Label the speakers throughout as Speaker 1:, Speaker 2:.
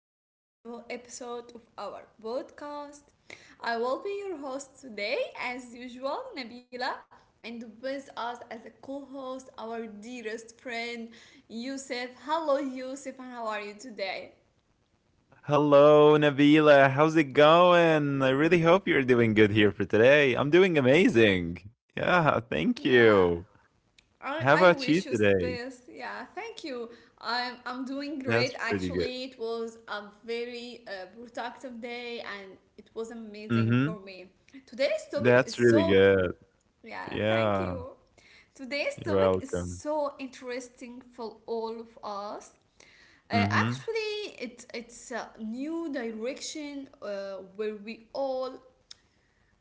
Speaker 1: back to a new episode of our podcast. I will be your host today, as usual, Nabila, and with us as a co host, our dearest friend, Yusuf. Hello, Yusuf, and how are you today?
Speaker 2: Hello, Nabila. How's it going? I really hope you're doing good here for today. I'm doing amazing. Yeah, thank
Speaker 1: Yeah.
Speaker 2: you.
Speaker 1: I,
Speaker 2: How
Speaker 1: I
Speaker 2: about you
Speaker 1: wish you
Speaker 2: today?
Speaker 1: space. Yeah, thank you. I'm doing great
Speaker 2: That's really good.
Speaker 1: actually. It was a very productive day, and it was amazing
Speaker 2: Mm-hmm.
Speaker 1: for me. Today's topic is
Speaker 2: That's really
Speaker 1: so
Speaker 2: good.
Speaker 1: Yeah, thank
Speaker 2: Yeah,
Speaker 1: you. Today's
Speaker 2: you're
Speaker 1: topic is
Speaker 2: welcome.
Speaker 1: so interesting for all of us.
Speaker 2: Mm-hmm.
Speaker 1: Actually, it's a new direction where we all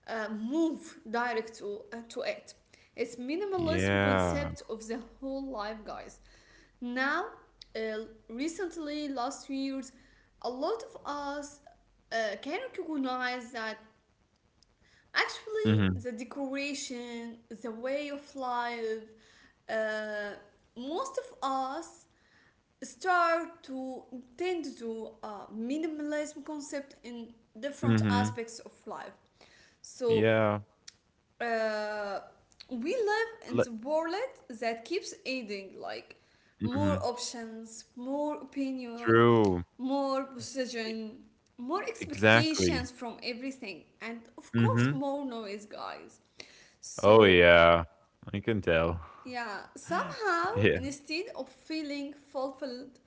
Speaker 1: move direct to it. It's minimalism
Speaker 2: Yeah.
Speaker 1: concept of the whole life, guys. Now, uh, recently, last years, a lot of us can recognize that actually, the
Speaker 2: Mm-hmm.
Speaker 1: decoration, the way of life, uh, most of us start to tend to minimalism concept in different
Speaker 2: Mm-hmm.
Speaker 1: aspects of life. So
Speaker 2: Yeah.
Speaker 1: uh, we live in the
Speaker 2: Le-
Speaker 1: world that keeps adding, like, more
Speaker 2: mm-hmm.
Speaker 1: options, more opinion,
Speaker 2: True.
Speaker 1: more
Speaker 2: E-
Speaker 1: position, more expectations
Speaker 2: exactly.
Speaker 1: from everything, and of course,
Speaker 2: Mm-hmm.
Speaker 1: more noise, guys.
Speaker 2: Oh,
Speaker 1: So,
Speaker 2: yeah. I can tell.
Speaker 1: yeah, somehow,
Speaker 2: Yeah.
Speaker 1: instead of feeling fulfilled,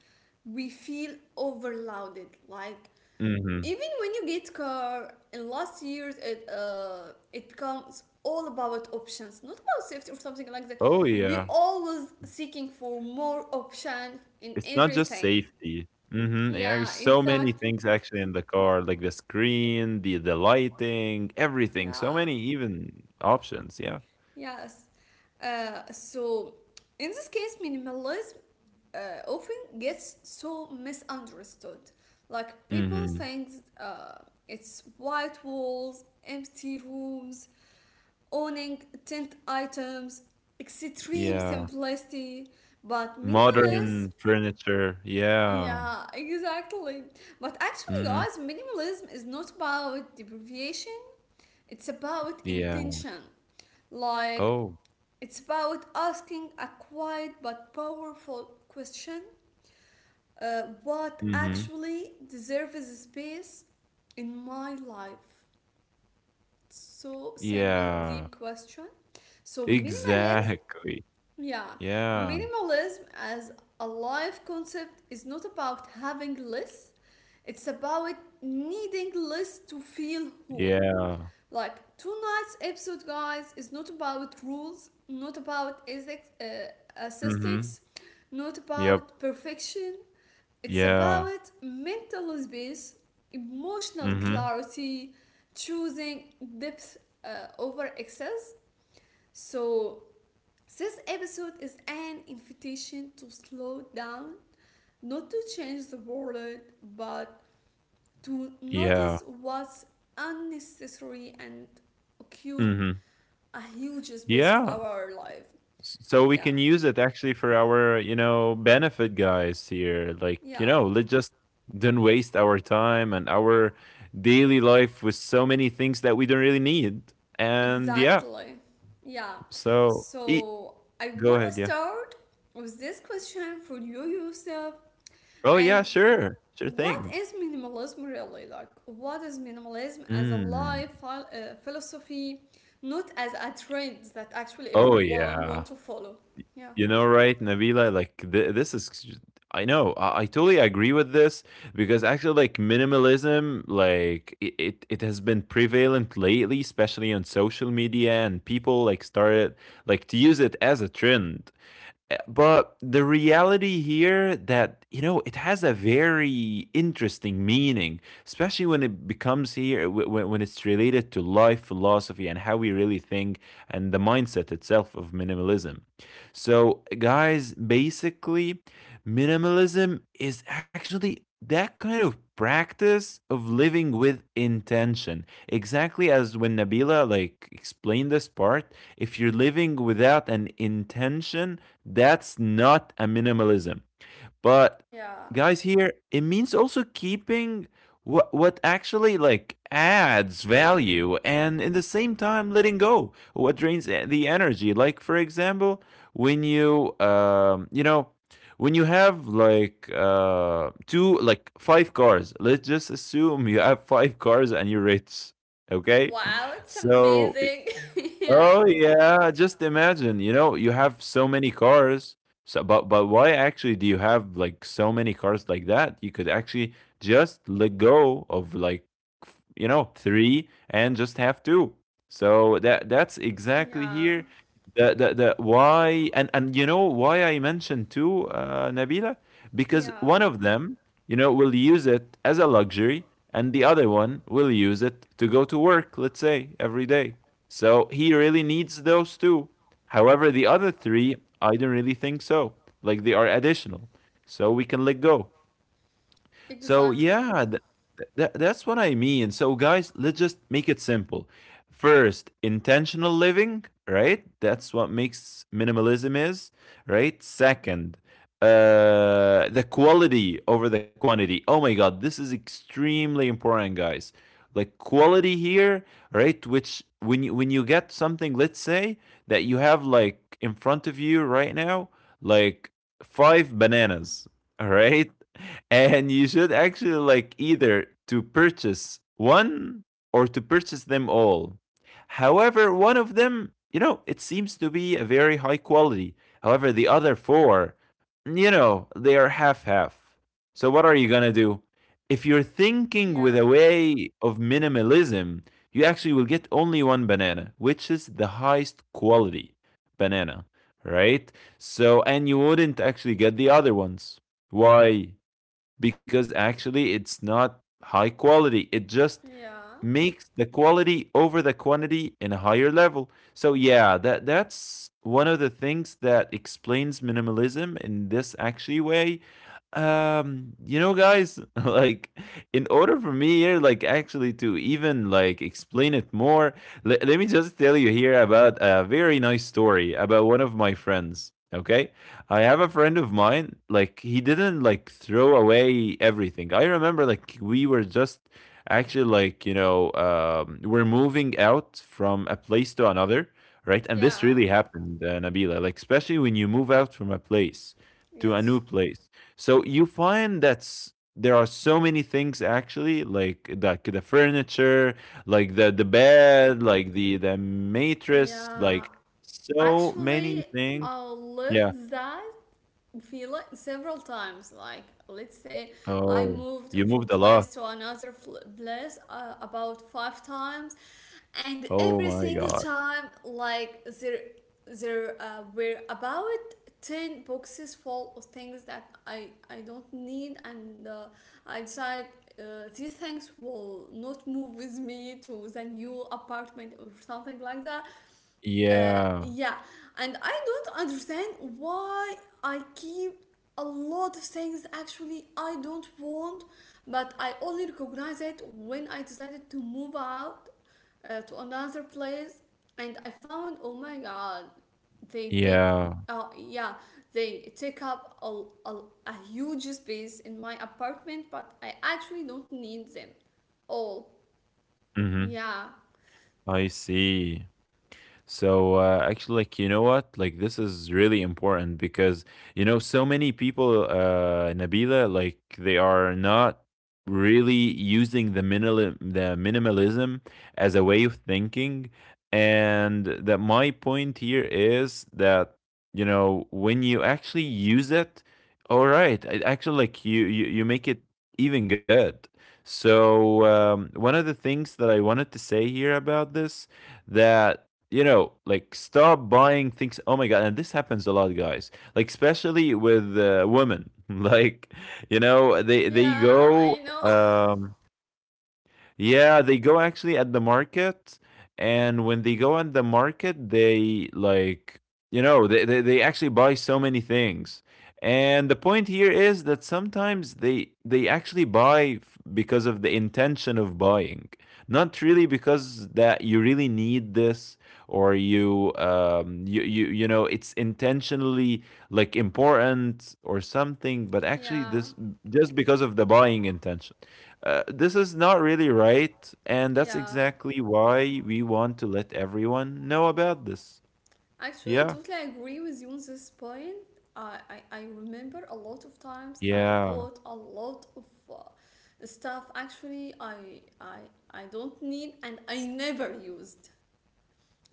Speaker 1: we feel overloaded. Like,
Speaker 2: Mm-hmm.
Speaker 1: even when you get car in last years, it becomes all about options, not about safety or something like that.
Speaker 2: Oh,
Speaker 1: We
Speaker 2: yeah.
Speaker 1: always seeking for more option in
Speaker 2: It's not just
Speaker 1: everything.
Speaker 2: safety. Mhm, yeah, there's
Speaker 1: Yeah,
Speaker 2: so many
Speaker 1: exactly.
Speaker 2: things actually in the car, like the screen, the lighting, everything. So
Speaker 1: Yeah.
Speaker 2: many even options, yeah.
Speaker 1: Yes. So in this case, minimalism often gets so misunderstood. Like, people
Speaker 2: Mhm.
Speaker 1: think uh, it's white walls, empty rooms, owning tent items, extreme
Speaker 2: Yeah.
Speaker 1: simplicity, but minimalism.
Speaker 2: Modern furniture, yeah.
Speaker 1: Yeah, exactly. But actually,
Speaker 2: Mhm.
Speaker 1: guys, minimalism is not about deprivation, it's about
Speaker 2: Yeah.
Speaker 1: intention. Like,
Speaker 2: Oh.
Speaker 1: it's about asking a quiet but powerful question: what
Speaker 2: Mhm.
Speaker 1: actually deserves space in my life? So simple,
Speaker 2: Yeah.
Speaker 1: deep question. So, minimalism.
Speaker 2: Exactly.
Speaker 1: Yeah,
Speaker 2: Yeah.
Speaker 1: minimalism as a life concept is not about having less, it's about needing less to feel whole.
Speaker 2: Yeah.
Speaker 1: Like, tonight's episode, guys, is not about rules, not about ethics,
Speaker 2: Mhm.
Speaker 1: aesthetics, not
Speaker 2: Yep.
Speaker 1: about perfection. It's
Speaker 2: Yeah.
Speaker 1: about mental space, emotional
Speaker 2: Mhm.
Speaker 1: clarity, choosing depth over excess. So this episode is an invitation to slow down, not to change the world, but to
Speaker 2: Yeah.
Speaker 1: notice what's unnecessary and occupy
Speaker 2: Mhm.
Speaker 1: a huge space of
Speaker 2: Yeah.
Speaker 1: our life.
Speaker 2: So we
Speaker 1: Yeah,
Speaker 2: can use it actually for our, you know, benefit guys here. Like, you
Speaker 1: yeah,
Speaker 2: know, let's just don't waste our time and our daily life with so many things that we don't really need. And yeah,
Speaker 1: exactly. Yeah.
Speaker 2: so e-
Speaker 1: So I
Speaker 2: go
Speaker 1: want to
Speaker 2: ahead, yeah.
Speaker 1: start with this question for you yourself,
Speaker 2: Oh yeah,
Speaker 1: and
Speaker 2: sure, sure
Speaker 1: what
Speaker 2: thing.
Speaker 1: is minimalism really like? What is minimalism as a
Speaker 2: Mm.
Speaker 1: life philosophy, not as a trend that actually
Speaker 2: Oh
Speaker 1: everyone
Speaker 2: yeah.
Speaker 1: want to follow? Yeah.
Speaker 2: You know, right, Nabila? Like this is, I know, I totally agree with this because actually, like minimalism, like it has been prevalent lately, especially on social media, and people like started like to use it as a trend. But the reality here that you know it has a very interesting meaning, especially when it becomes here when it's related to life philosophy and how we really think and the mindset itself of minimalism. So, guys, basically, minimalism is actually that kind of practice of living with intention. Exactly as when Nabila like explained this part, if you're living without an intention, that's not a minimalism. But
Speaker 1: Yeah.
Speaker 2: guys here, it means also keeping what actually like adds value and in the same time letting go what drains the energy. Like for example, when you you know when you have like two like five cars, let's just assume you have five cars and you're rich. Okay?
Speaker 1: Wow, it's
Speaker 2: So
Speaker 1: amazing. Yeah.
Speaker 2: oh yeah, just imagine, you know, you have so many cars. So but why actually do you have like so many cars like that? You could actually just let go of you know, 3 and just have 2. So that's exactly
Speaker 1: Yeah.
Speaker 2: here the why, and you know why I mentioned 2, uh, Nabila, because
Speaker 1: Yeah.
Speaker 2: one of them, you know, will use it as a luxury and the other one will use it to go to work, let's say, every day. So he really needs those two. However, the other three, I don't really think so. Like they are additional. So we can let go. So
Speaker 1: Exactly.
Speaker 2: yeah, th- that's what I mean. So guys, let's just make it simple. First, intentional living, right? That's what makes minimalism is, right? Second, uh, the quality over the quantity. Oh my god, this is extremely important, guys. Like quality here, right? Which when you get something, let's say that you have like in front of you right now, like five bananas, all right? And you should actually like either to purchase one or to purchase them all. However, one of them, you know, it seems to be a very high quality. However, the other four, you know, they are half half. So what are you going to do? If you're thinking with
Speaker 1: Yeah.
Speaker 2: a way of minimalism, you actually will get only one banana, which is the highest quality banana, right? So, and you wouldn't actually get the other ones. Why? Because actually it's not high quality. It just
Speaker 1: Yeah.
Speaker 2: makes the quality over the quantity in a higher level. So yeah, that that's one of the things that explains minimalism in this actually way, you know, guys, like in order for me here, like actually to even like explain it more, let me just tell you here about a very nice story about one of my friends. Okay, I have a friend of mine. Like he didn't like throw away everything. I remember like we were just actually like you know we're moving out from a place to another, right? And this
Speaker 1: Yeah.
Speaker 2: really happened, Nabila. Like especially when you move out from a place to a new
Speaker 1: Yes.
Speaker 2: place so you find that's there are so many things actually, like the furniture, like the bed, like the mattress,
Speaker 1: Yeah.
Speaker 2: like so many
Speaker 1: Actually,
Speaker 2: things.
Speaker 1: I
Speaker 2: Yeah.
Speaker 1: lived that feeling several times. Like, let's say I
Speaker 2: Oh,
Speaker 1: moved
Speaker 2: you
Speaker 1: from
Speaker 2: moved a
Speaker 1: place
Speaker 2: lot.
Speaker 1: to another place about five times, and
Speaker 2: Oh
Speaker 1: every
Speaker 2: my
Speaker 1: single
Speaker 2: God.
Speaker 1: time, like, there were about 10 boxes full of things that I don't need, and I decided. These things will not move with me to the new apartment or something like that.
Speaker 2: Yeah.
Speaker 1: Yeah, and I don't understand why I keep a lot of things actually I don't want, but I only recognize it when I decided to move out to another place, and I found, oh my god, they take
Speaker 2: Yeah.
Speaker 1: yeah, they take up a huge space in my apartment, but I actually don't need them all.
Speaker 2: Mm-hmm.
Speaker 1: Yeah,
Speaker 2: I see. So actually, like you know what, like this is really important because you know so many people, Nabila, like they are not really using the minimalism as a way of thinking, and that my point here is that you know when you actually use it, all right, it actually like you make it even good. So one of the things that I wanted to say here about this that you know, like stop buying things. Oh my god! And this happens a lot, guys. Like especially with women. Like, you know, they
Speaker 1: yeah,
Speaker 2: go.
Speaker 1: I know.
Speaker 2: Yeah, they go actually at the market, and when they go at the market, they like you know they actually buy so many things. And the point here is that sometimes they actually buy because of the intention of buying, not really because that you really need this or you you know it's intentionally like important or something, but actually
Speaker 1: Yeah.
Speaker 2: this just because of the buying intention, this is not really right, and that's
Speaker 1: Yeah,
Speaker 2: exactly why we want to let everyone know about this.
Speaker 1: actually, I
Speaker 2: Yeah.
Speaker 1: totally agree with you on this point. I remember a lot of times I
Speaker 2: Yeah.
Speaker 1: bought a lot of stuff actually I don't need and I never used.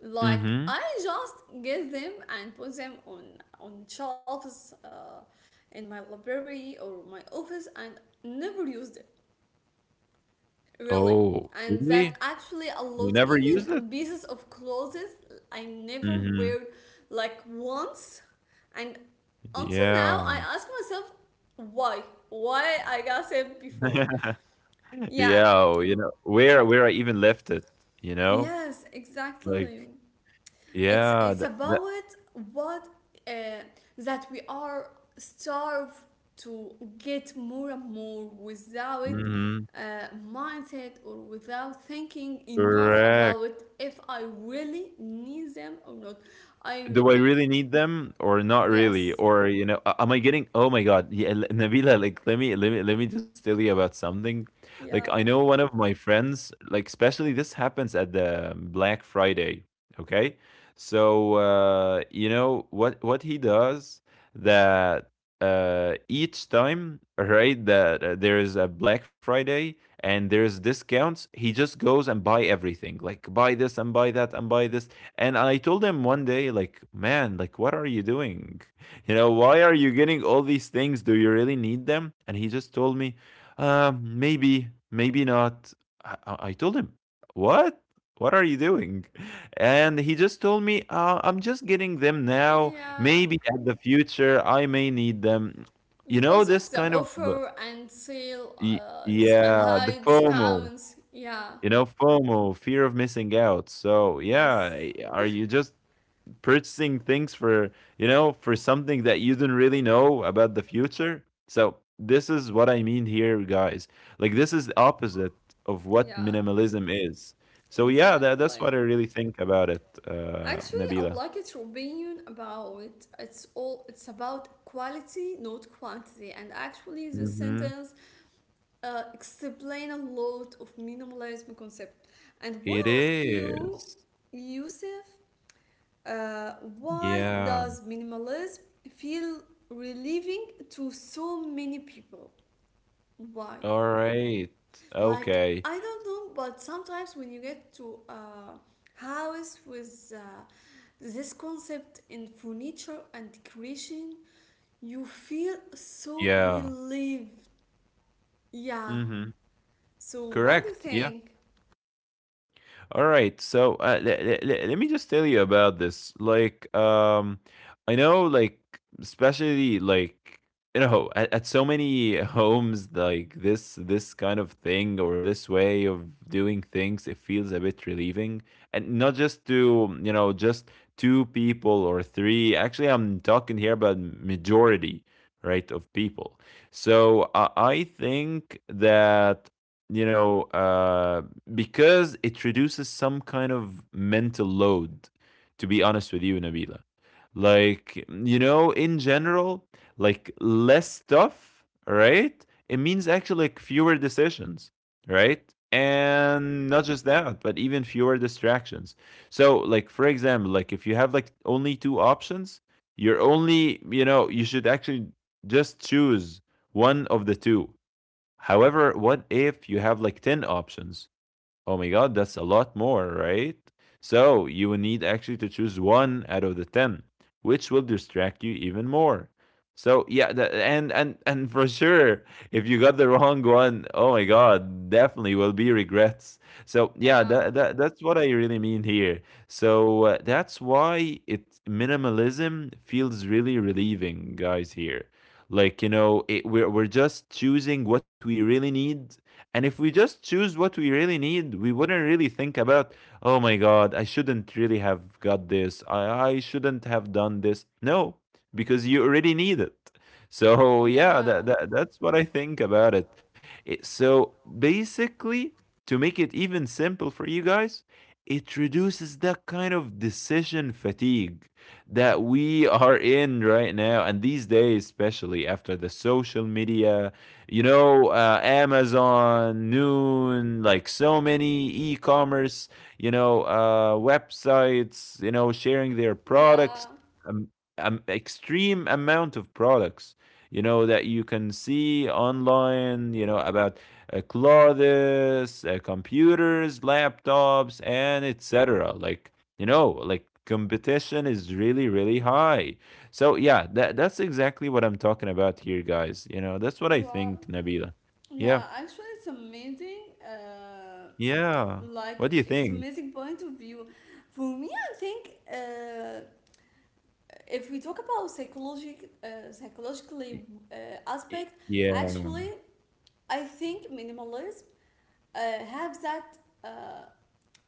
Speaker 1: Like,
Speaker 2: Mm-hmm.
Speaker 1: I just get them and put them on shelves in my library or my office, and never used it. Really.
Speaker 2: Oh,
Speaker 1: And that
Speaker 2: really?
Speaker 1: actually a lot,
Speaker 2: You never used
Speaker 1: even
Speaker 2: it?
Speaker 1: pieces of clothes, I never wear
Speaker 2: Mm-hmm.
Speaker 1: like once, and until now
Speaker 2: Yeah.
Speaker 1: I ask myself, why why I got it before. Yeah.
Speaker 2: Yeah. Oh, you know where I even left it. You know,
Speaker 1: Yes, exactly.
Speaker 2: like
Speaker 1: It's
Speaker 2: yeah.
Speaker 1: it's
Speaker 2: That that.
Speaker 1: about what uh, that we are starved to get more and more without
Speaker 2: Mm-hmm.
Speaker 1: mindset, or without thinking enough
Speaker 2: Correct.
Speaker 1: about if I really need them or not. I
Speaker 2: Do I really need them or not really?
Speaker 1: Yes.
Speaker 2: Or you know, am I getting? Oh my god, yeah, Nabila. Like, let me just tell you about something. Like,
Speaker 1: Yeah.
Speaker 2: I know one of my friends. Like, especially this happens at the Black Friday. Okay, so you know what he does that uh, each time right that there is a Black Friday and there's discounts, he just goes and buy everything, like buy this and buy that and buy this, and I told him one day, like, man, like, what are you doing? You know, why are you getting all these things? Do you really need them? And he just told me, maybe, maybe not. I, told him, what? What are you doing? And he just told me, I'm just getting them now.
Speaker 1: Yeah,
Speaker 2: Maybe at the future, I may need them. You know,
Speaker 1: because
Speaker 2: this
Speaker 1: of the
Speaker 2: kind of,
Speaker 1: offer and sale and
Speaker 2: yeah, the
Speaker 1: high
Speaker 2: FOMO,
Speaker 1: discounts. Yeah.
Speaker 2: you know, FOMO, fear of missing out. So,
Speaker 1: Yes.
Speaker 2: yeah, are you just purchasing things for you know for something that you don't really know about the future. So this is what I mean here, guys, like this is the opposite of what
Speaker 1: Yeah,
Speaker 2: minimalism is. So yeah, that's what
Speaker 1: exactly.
Speaker 2: I really think about it, uh,
Speaker 1: Actually, I
Speaker 2: Nabila.
Speaker 1: like your opinion about, it's about quality, not quantity. And actually, this
Speaker 2: Mm-hmm.
Speaker 1: sentence explain a lot of minimalism concept. And
Speaker 2: It
Speaker 1: want to ask you,
Speaker 2: is.
Speaker 1: Yusuf, uh, why
Speaker 2: Yeah.
Speaker 1: does minimalism feel relieving to so many people? Why?
Speaker 2: All right.
Speaker 1: Like,
Speaker 2: Okay.
Speaker 1: I don't know, but sometimes when you get to a house with this concept in furniture and decoration, you feel so
Speaker 2: Yeah.
Speaker 1: relieved. Yeah.
Speaker 2: Mm-hmm.
Speaker 1: So what do you
Speaker 2: Correct, yeah.
Speaker 1: think?
Speaker 2: All right. So let me just tell you about this. Like, I know, like, especially like you know, at so many homes, like this kind of thing or this way of doing things, it feels a bit relieving, and not just to you know just two people or three. Actually, I'm talking here about majority, right, of people. So I think that you know uh, because it reduces some kind of mental load, to be honest with you, Nabila. Like, you know, in general, like less stuff, right? It means actually like fewer decisions, right? And not just that, but even fewer distractions. So, like, for example, like if you have like only two options, you're only, you know, you should actually just choose one of the two. However, what if you have like 10 options? Oh my god, that's a lot more, right? So you will need actually to choose one out of the 10, which will distract you even more. So yeah, and for sure, if you got the wrong one, oh my god, definitely will be regrets. So yeah,
Speaker 1: Yeah.
Speaker 2: that that's what I really mean here. So that's why it minimalism feels really relieving, guys. Here, like you know, it, we're just choosing what we really need, and if we just choose what we really need, we wouldn't really think about, oh my God, I shouldn't really have got this. I shouldn't have done this. No, because you already need it. So yeah,
Speaker 1: Yeah.
Speaker 2: that that's what I think about it. So basically, to make it even simple for you guys, it reduces that kind of decision fatigue that we are in right now and these days, especially after the social media, Amazon, Noon, like so many e-commerce, websites, sharing their products,
Speaker 1: Yeah.
Speaker 2: um, extreme amount of products, that you can see online, about clothes, computers, laptops, and etc. Like competition is really, really high. So yeah, that's exactly what I'm talking about here, guys. You know, that's what I
Speaker 1: Wow.
Speaker 2: think, Nabila. Yeah,
Speaker 1: Yeah, actually it's amazing.
Speaker 2: yeah. What
Speaker 1: Like,
Speaker 2: do you
Speaker 1: it's
Speaker 2: think?
Speaker 1: amazing point of view. For me, I think if we talk about psychologically
Speaker 2: Y-
Speaker 1: uh, aspect,
Speaker 2: Yeah,
Speaker 1: actually I think minimalism uh, have that uh,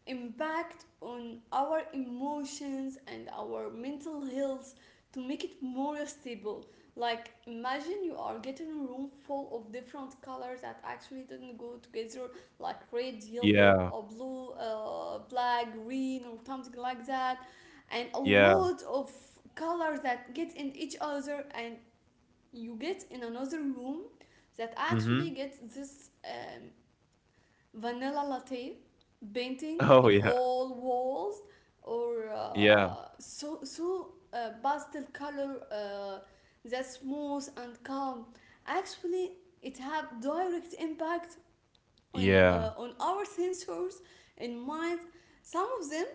Speaker 1: impact on our emotions and our mental health to make it more stable. Like, imagine you are getting a room full of different colors that actually didn't go together, like red, yellow,
Speaker 2: yeah,
Speaker 1: or blue, black, green, or something like that, and a
Speaker 2: yeah.
Speaker 1: lot of colors that get in each other, and you get in another room that actually
Speaker 2: Mm-hmm.
Speaker 1: gets this vanilla latte painting
Speaker 2: Oh
Speaker 1: in
Speaker 2: yeah,
Speaker 1: all walls, or
Speaker 2: yeah,
Speaker 1: pastel color that's smooth and calm. Actually, it have direct impact on
Speaker 2: yeah.
Speaker 1: uh, on our sensors in mind. Some of them,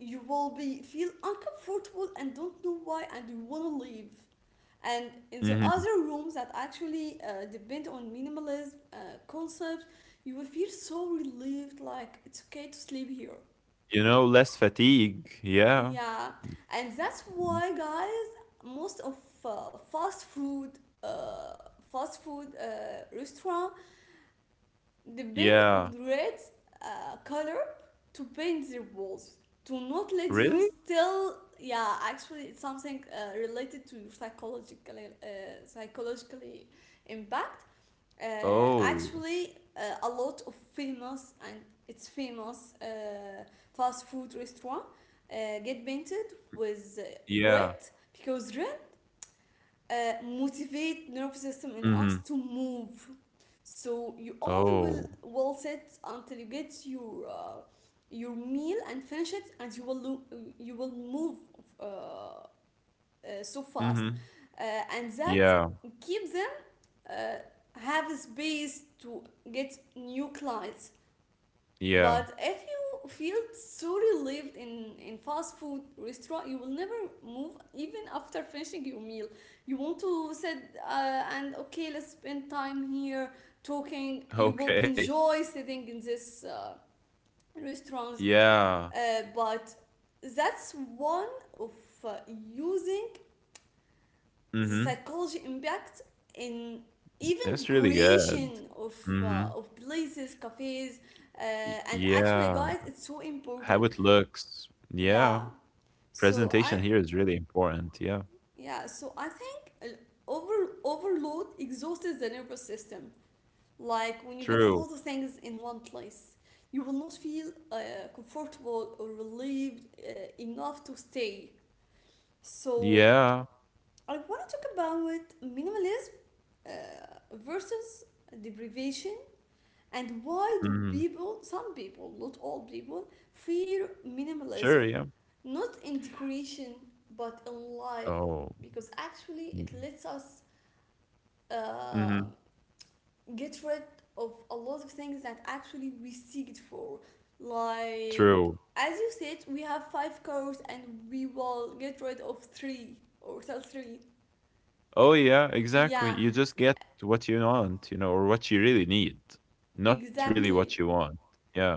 Speaker 1: you will be feel uncomfortable and don't know why, and you want to leave, and in the
Speaker 2: Mm-hmm.
Speaker 1: other rooms that actually depend on minimalism concept, you will feel so relieved. Like, it's okay to sleep here.
Speaker 2: You know, less fatigue. Yeah.
Speaker 1: Yeah. And that's
Speaker 2: Mm.
Speaker 1: why, guys, most of uh, fast food uh, fast food restaurant depend
Speaker 2: Yeah.
Speaker 1: on red color to paint their walls, to not let you
Speaker 2: Really?
Speaker 1: still. Yeah, actually it's something related to your uh, psychologically impact.
Speaker 2: Oh,
Speaker 1: Actually, a lot of famous and it's famous fast food restaurant uh, get painted with red,
Speaker 2: yeah.
Speaker 1: because red motivate nervous system in us
Speaker 2: Mm-hmm.
Speaker 1: to move. So you only will
Speaker 2: Oh,
Speaker 1: will sit until you get your meal and finish it, and you will move uh, uh, so fast,
Speaker 2: mm-hmm.
Speaker 1: uh, and that
Speaker 2: Yeah,
Speaker 1: keeps uh, have space to get new clients.
Speaker 2: yeah.
Speaker 1: But if you feel so relieved in fast food restaurant, you will never move even after finishing your meal. You want to sit and okay, let's spend time here talking. You will
Speaker 2: Okay.
Speaker 1: enjoy sitting in this restaurants,
Speaker 2: Yeah.
Speaker 1: but that's one of using the
Speaker 2: Mm-hmm.
Speaker 1: psychology impact in even the
Speaker 2: That's really good.
Speaker 1: creation of
Speaker 2: Mm-hmm.
Speaker 1: uh, of places, cafes, uh, and actually,
Speaker 2: Yeah.
Speaker 1: guys, it's so important.
Speaker 2: How it looks.
Speaker 1: Yeah.
Speaker 2: Yeah.
Speaker 1: So I
Speaker 2: Presentation here is really important. Yeah.
Speaker 1: Yeah. So I think overload exhausts the nervous system. Like, when you get a
Speaker 2: True.
Speaker 1: lot of things in one place, you will not feel comfortable or relieved enough to stay. So
Speaker 2: Yeah.
Speaker 1: I want to talk about minimalism uh, versus deprivation, and why do
Speaker 2: Hmm.
Speaker 1: people some people, not all people, fear minimalism,
Speaker 2: Sure. Yeah.
Speaker 1: not in decoration but in life,
Speaker 2: Oh.
Speaker 1: because actually it
Speaker 2: Mm-hmm.
Speaker 1: lets us uh,
Speaker 2: Mm-hmm.
Speaker 1: get rid of a lot of things that actually we seek it for, like
Speaker 2: True.
Speaker 1: as you said, we have five cars and we will get rid of three or sell three.
Speaker 2: Oh, yeah. Exactly.
Speaker 1: Yeah,
Speaker 2: You just get what you want, you know, or what you really need, not really what you
Speaker 1: exactly.
Speaker 2: want. Yeah.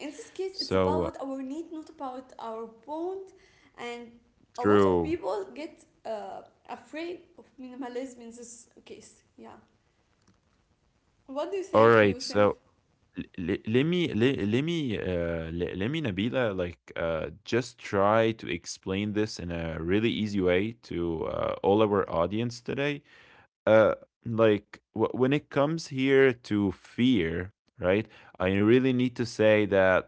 Speaker 1: In this case, it's
Speaker 2: So
Speaker 1: about our need, not about our want. And a lot of
Speaker 2: true.
Speaker 1: people get afraid of minimalism in this case. Yeah. What do you
Speaker 2: All
Speaker 1: think,
Speaker 2: right. So
Speaker 1: Yusuf?
Speaker 2: L le let me le let me, le let me, Nabila, just try to explain this in a really easy way to, all our audience today. Uh, like, w when it comes here to fear, right? I really need to say that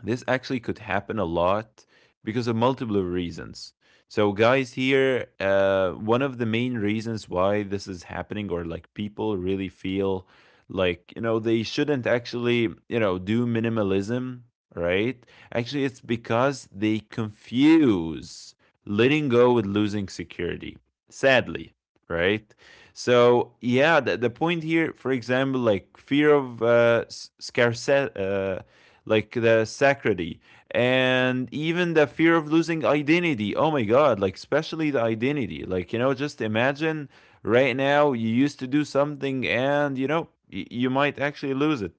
Speaker 2: this actually could happen a lot because of multiple reasons. So, guys, here, one of the main reasons why this is happening, or like people really feel like, you know, they shouldn't actually, you know, do minimalism, right? Actually, it's because they confuse letting go with losing security, sadly, right? So, yeah, the point here, for example, like fear of scarcity. Like the sacrality and even the fear of losing identity. Oh my God, like, especially the identity. Like, you know, just imagine right now you used to do something and, you know, you might actually lose it.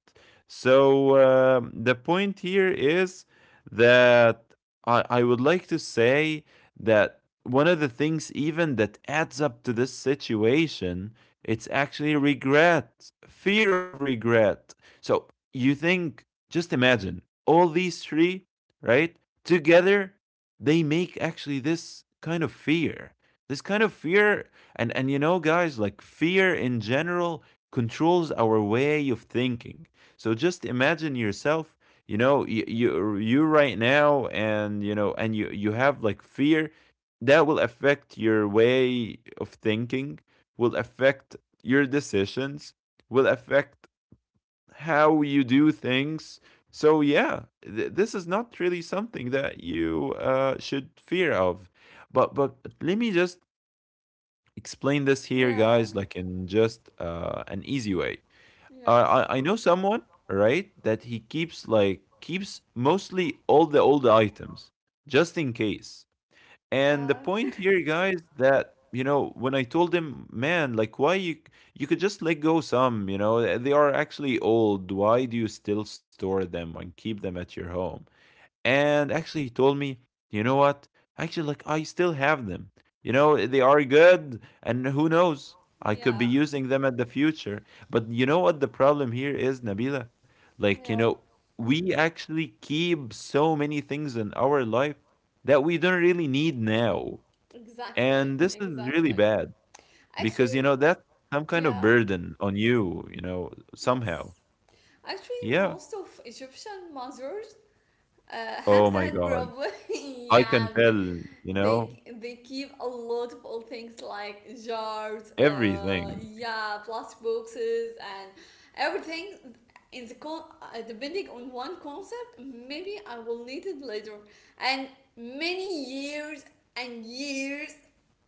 Speaker 2: So the point here is that I would like to say that one of the things even that adds up to this situation, it's actually regret, fear of regret. So you think, just imagine all these three, right? Together, they make actually this kind of fear. This kind of fear. And you know, guys, like fear in general controls our way of thinking. So just imagine yourself, you know, you right now, and you know, and you have like fear that will affect your way of thinking, will affect your decisions, will affect how you do things. So yeah, this is not really something that you should fear of. But let me just explain this here,
Speaker 1: Yeah.
Speaker 2: guys, like in just an easy way.
Speaker 1: Yes.
Speaker 2: I know someone, right, that he keeps mostly all the old items, just in case.
Speaker 1: Oh my
Speaker 2: And the
Speaker 1: god.
Speaker 2: point here, guys, that you know, when I told him, man, like why you could just let go some, you know, they are actually old. Why do you still store them and keep them at your home? And actually, he told me, you know what? Actually, like, I still have them. You know, eh, they are good, and who knows? I could
Speaker 1: Yeah.
Speaker 2: be using them at the future. But you know what the problem here is, Nabila? Like, you
Speaker 1: Yeah.
Speaker 2: know, we actually keep so many things in our life that we don't really need now.
Speaker 1: Exactly.
Speaker 2: And this is really
Speaker 1: Exactly.
Speaker 2: bad because, you
Speaker 1: Actually,
Speaker 2: know, that's some kind of
Speaker 1: yeah.
Speaker 2: burden on you, you know, somehow.
Speaker 1: Yes. Actually,
Speaker 2: Yeah.
Speaker 1: most of Egyptian mothers
Speaker 2: Oh
Speaker 1: have
Speaker 2: my
Speaker 1: that
Speaker 2: God.
Speaker 1: problem.
Speaker 2: I can
Speaker 1: Yeah. They,
Speaker 2: tell, you know,
Speaker 1: They they keep a lot of old things like jars,
Speaker 2: everything.
Speaker 1: yeah, plastic boxes and everything. Depending on one concept, maybe I will need it later. And many years and years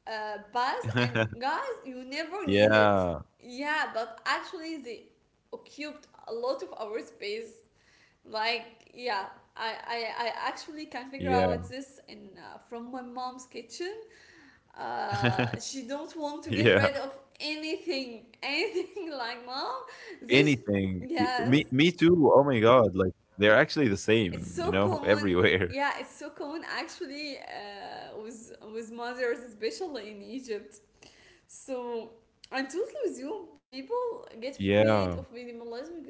Speaker 1: pass, and, guys, you never need it.
Speaker 2: Yeah,
Speaker 1: Yeah, but actually they occupied a lot of our space. Like, yeah,
Speaker 2: yeah,
Speaker 1: I actually can figure out this in from my mom's kitchen. She
Speaker 2: yeah.
Speaker 1: don't want to get rid of anything, anything. Like, mom.
Speaker 2: Anything. Y
Speaker 1: This,
Speaker 2: Me too. Oh
Speaker 1: yes,
Speaker 2: my God. Like they're actually the same, you know,
Speaker 1: it's so
Speaker 2: everywhere.
Speaker 1: common. Yeah, it's so common actually with mothers, especially in Egypt. So I'm totally with you. People get afraid
Speaker 2: Yeah.
Speaker 1: of minimalism.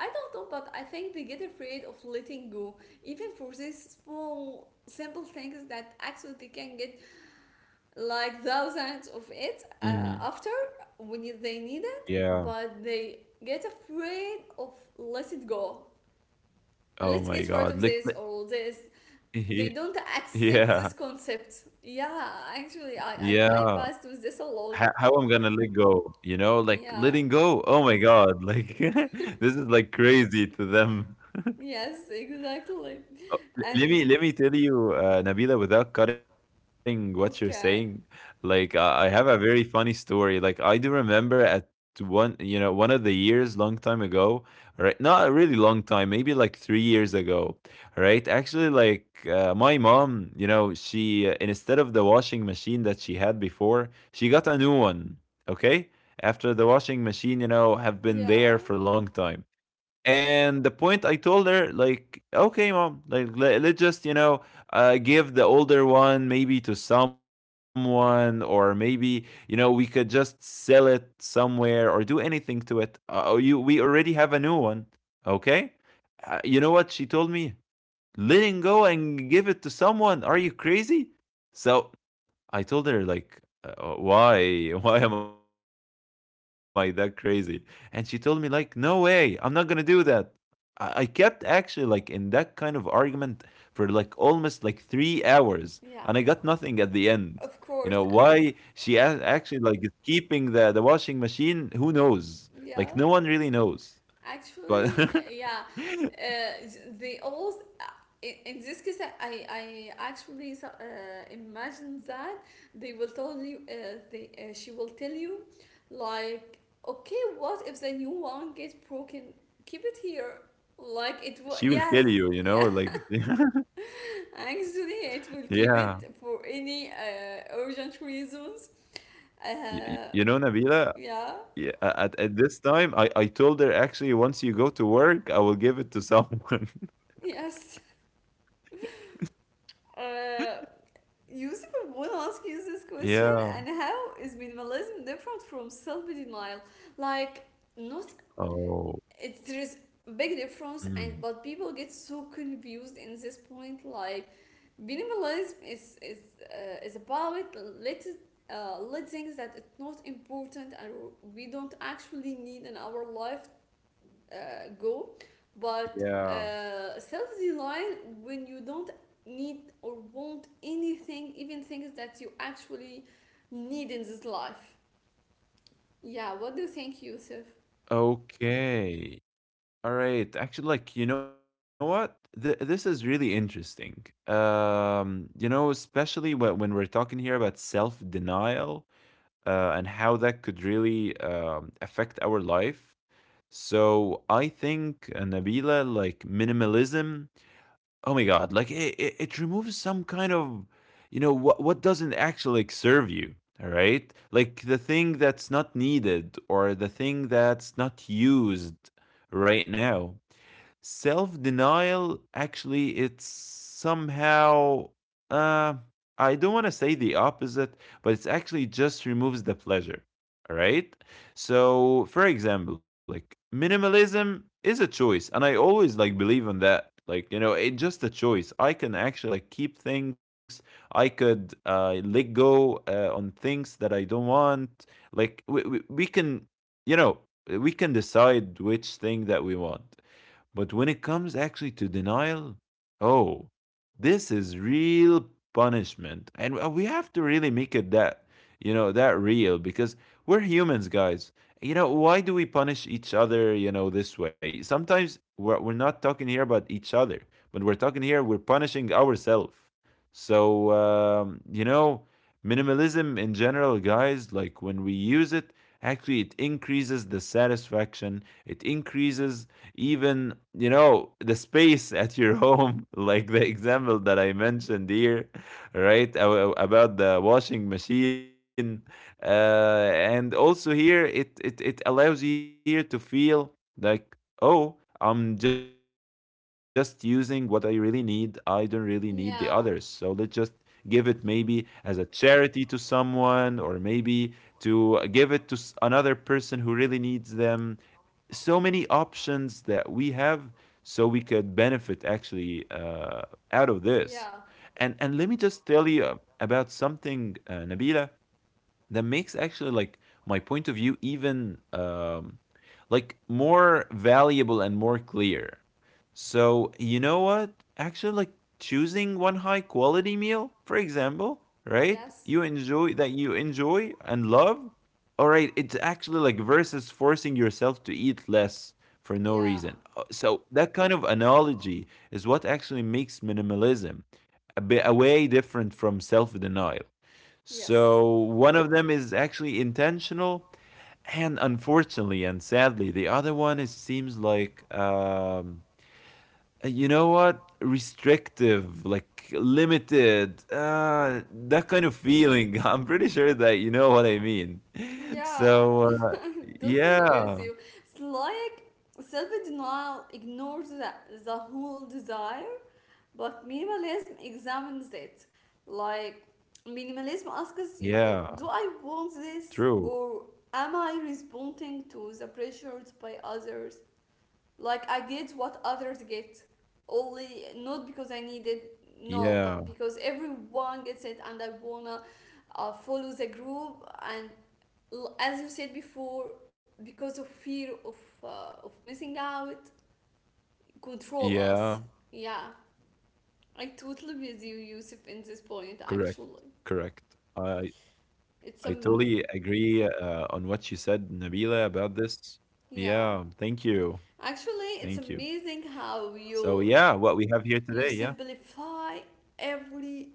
Speaker 1: I don't know, but I think they get afraid of letting go, even for these small, simple things that actually they can get like thousands of it
Speaker 2: Mhm.
Speaker 1: after they need it,
Speaker 2: Yeah.
Speaker 1: but they get afraid of let it go.
Speaker 2: Oh
Speaker 1: Let's
Speaker 2: my
Speaker 1: get rid
Speaker 2: God.
Speaker 1: of
Speaker 2: Lick,
Speaker 1: this
Speaker 2: li,
Speaker 1: or this. They don't accept this
Speaker 2: yeah,
Speaker 1: concept. Yeah, actually, I
Speaker 2: yeah.
Speaker 1: passed with this a
Speaker 2: How
Speaker 1: lot.
Speaker 2: how I'm gonna let go, you know, like
Speaker 1: Yeah.
Speaker 2: letting go. Oh my God. Like this is like crazy to them.
Speaker 1: Yes, exactly.
Speaker 2: Oh, let me
Speaker 1: And
Speaker 2: tell you, Nabila, without cutting what you're saying,
Speaker 1: okay.
Speaker 2: like I have a very funny story. Like I do remember at one, you know, one of the years, long time ago, right? Not a really long time, maybe like 3 years ago, right? Actually, like my mom, you know, she instead of the washing machine that she had before, she got a new one. Okay, after the washing machine, you know, have been there
Speaker 1: Yeah.
Speaker 2: for a long time. And the point I told her, like, okay, mom, like, let's just, you know, give the older one maybe to someone, or maybe, you know, we could just sell it somewhere or do anything to it. We already have a new one. Okay. You know what she told me? Letting go and give it to someone. Are you crazy? So
Speaker 1: Yes.
Speaker 2: I told her
Speaker 1: Yeah.
Speaker 2: like, why, why am I that crazy? And she told me like, no way, I'm not gonna do that. I kept actually like in that kind of argument for like almost like 3 hours, and I got nothing at
Speaker 1: Yeah.
Speaker 2: the end. You know
Speaker 1: Of
Speaker 2: why
Speaker 1: course.
Speaker 2: she actually like is keeping the washing machine? Who knows? Like no one
Speaker 1: Yeah.
Speaker 2: really knows, but
Speaker 1: Actually, yeah. Uh, they all. uh, in this case, I actually imagine that they will tell you. They She will tell you, like, okay, what if the new one gets broken? Keep it here.
Speaker 2: she will
Speaker 1: Like it
Speaker 2: kill
Speaker 1: was.
Speaker 2: you. You
Speaker 1: Yes.
Speaker 2: know, like
Speaker 1: Yeah. Actually, it will
Speaker 2: yeah.
Speaker 1: keep it for any urgent reasons.
Speaker 2: You
Speaker 1: Uh,
Speaker 2: know, Nabila,
Speaker 1: yeah.
Speaker 2: yeah, at this time, I told her actually once you go to work, I will give it to someone.
Speaker 1: Yes. Uh, Yusuf, I want to ask you this question.
Speaker 2: Yeah.
Speaker 1: And how is minimalism different from self denial? Like, not,
Speaker 2: Oh.
Speaker 1: it's there is big difference and but
Speaker 2: Mm.
Speaker 1: people get so confused in this point. Like minimalism is is about little little things that it's not important and we don't actually need in our life, go, but
Speaker 2: Yeah.
Speaker 1: self design, when you don't need or want anything, even things that you actually need in this life. Yeah, what do you think, Yusuf?
Speaker 2: Okay. All right. Actually, like you know what? Th This is really interesting. You know, especially when we're talking here about self-denial, and how that could really affect our life. So I think, Nabila, like minimalism, oh my god, like it removes some kind of, you know, what doesn't actually like serve you, all right? Like the thing that's not needed or the thing that's not used right now. Self denial, actually, it's somehow uh I don't want to say the opposite, but it's actually just removes the pleasure. All right? So, for example, like minimalism is a choice and I always like believe in that. Like, you know, it's just a choice. I can actually like keep things. I could let go on things that I don't want. Like we can, you know, we can decide which thing that we want. But when it comes actually to denial, oh, this is real punishment. And we have to really make it that, you know, that real because we're humans, guys. You know, why do we punish each other, you know, this way? Sometimes we're not talking here about each other, but we're talking here, we're punishing ourselves. So, you know, minimalism in general, guys, like when we use it, actually it increases the satisfaction, it increases, even you know, the space at your home, like the example that I mentioned here, right, about the washing machine, and also here it allows you here to feel like, oh, I'm just using what I really need, I don't really need the others, so let's just
Speaker 1: Yeah,
Speaker 2: give it maybe as a charity to someone or maybe to give it to another person who really needs them. So many options that we have, so we could benefit actually out of this.
Speaker 1: yeah,
Speaker 2: And let me just tell you about something, Nabila, that makes actually like my point of view even like more valuable and more clear. So you know what? Actually, like choosing one high quality meal, for example, right?
Speaker 1: yes.
Speaker 2: You enjoy, that you enjoy and love. All right, it's actually like versus forcing yourself to eat less for no
Speaker 1: Yeah.
Speaker 2: reason. So that kind of analogy is what actually makes minimalism a bit a way different from self denial.
Speaker 1: Yes.
Speaker 2: So one of them is actually intentional, and unfortunately and sadly, the other one is seems like you know what, restrictive, like limited, that kind of feeling. I'm pretty sure that you know what I mean.
Speaker 1: Yeah.
Speaker 2: So
Speaker 1: I totally with
Speaker 2: yeah,
Speaker 1: you. It's like self-denial ignores the whole desire, but minimalism examines it. Like
Speaker 2: yeah,
Speaker 1: minimalism asks you,
Speaker 2: true,
Speaker 1: do I want this or am I responding to the pressures by others? Like I get what others get, only not because I need it,
Speaker 2: yeah,
Speaker 1: no, but because everyone gets it, and I wanna follow the group. And as you said before, because of fear of missing out,
Speaker 2: yeah,
Speaker 1: control us. Yeah,
Speaker 2: correct,
Speaker 1: I totally
Speaker 2: correct.
Speaker 1: with you, Yusuf,
Speaker 2: I
Speaker 1: in this point.
Speaker 2: I
Speaker 1: Actually,
Speaker 2: totally agree on what you
Speaker 1: it's
Speaker 2: said,
Speaker 1: a
Speaker 2: Nabila, about this. Yeah, thank you. Thank
Speaker 1: yeah.
Speaker 2: you. So,
Speaker 1: Actually, it's
Speaker 2: yeah, what we have
Speaker 1: amazing
Speaker 2: here today.
Speaker 1: how
Speaker 2: Yeah.
Speaker 1: you simplify every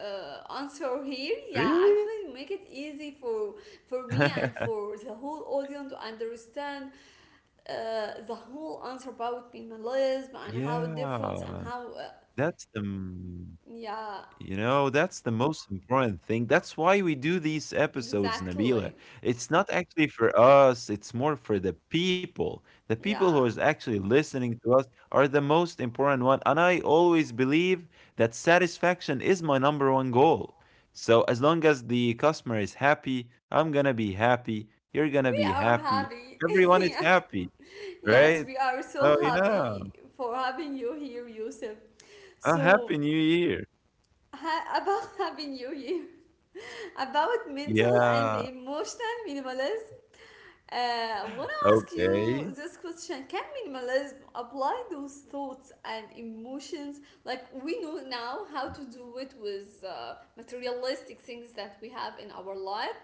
Speaker 1: answer here. Yeah, actually make it easy for me and for the whole audience to understand the whole answer about minimalism and
Speaker 2: yeah.
Speaker 1: how it difference and
Speaker 2: That's the
Speaker 1: how
Speaker 2: You know,
Speaker 1: yeah,
Speaker 2: that's the most important thing. That's why we do these episodes, Nabila.
Speaker 1: exactly,
Speaker 2: It's not actually for us, it's more for the people. The people who is
Speaker 1: yeah,
Speaker 2: actually listening to us are the most important one. And I always believe that satisfaction is my number one goal. So as long as the customer is happy, I'm gonna be happy. You're gonna
Speaker 1: we
Speaker 2: be
Speaker 1: are
Speaker 2: happy.
Speaker 1: happy.
Speaker 2: Everyone is
Speaker 1: Yeah,
Speaker 2: happy,
Speaker 1: yes,
Speaker 2: right?
Speaker 1: we are
Speaker 2: Oh
Speaker 1: so
Speaker 2: yeah.
Speaker 1: happy for having you here, Yusuf.
Speaker 2: A happy
Speaker 1: So,
Speaker 2: new year.
Speaker 1: about having you here, about mental and
Speaker 2: Yeah.
Speaker 1: emotional minimalism. I want to ask you
Speaker 2: Okay.
Speaker 1: this question. Can minimalism apply those thoughts and emotions? Like, we know now how to do it with materialistic things that we have in our life,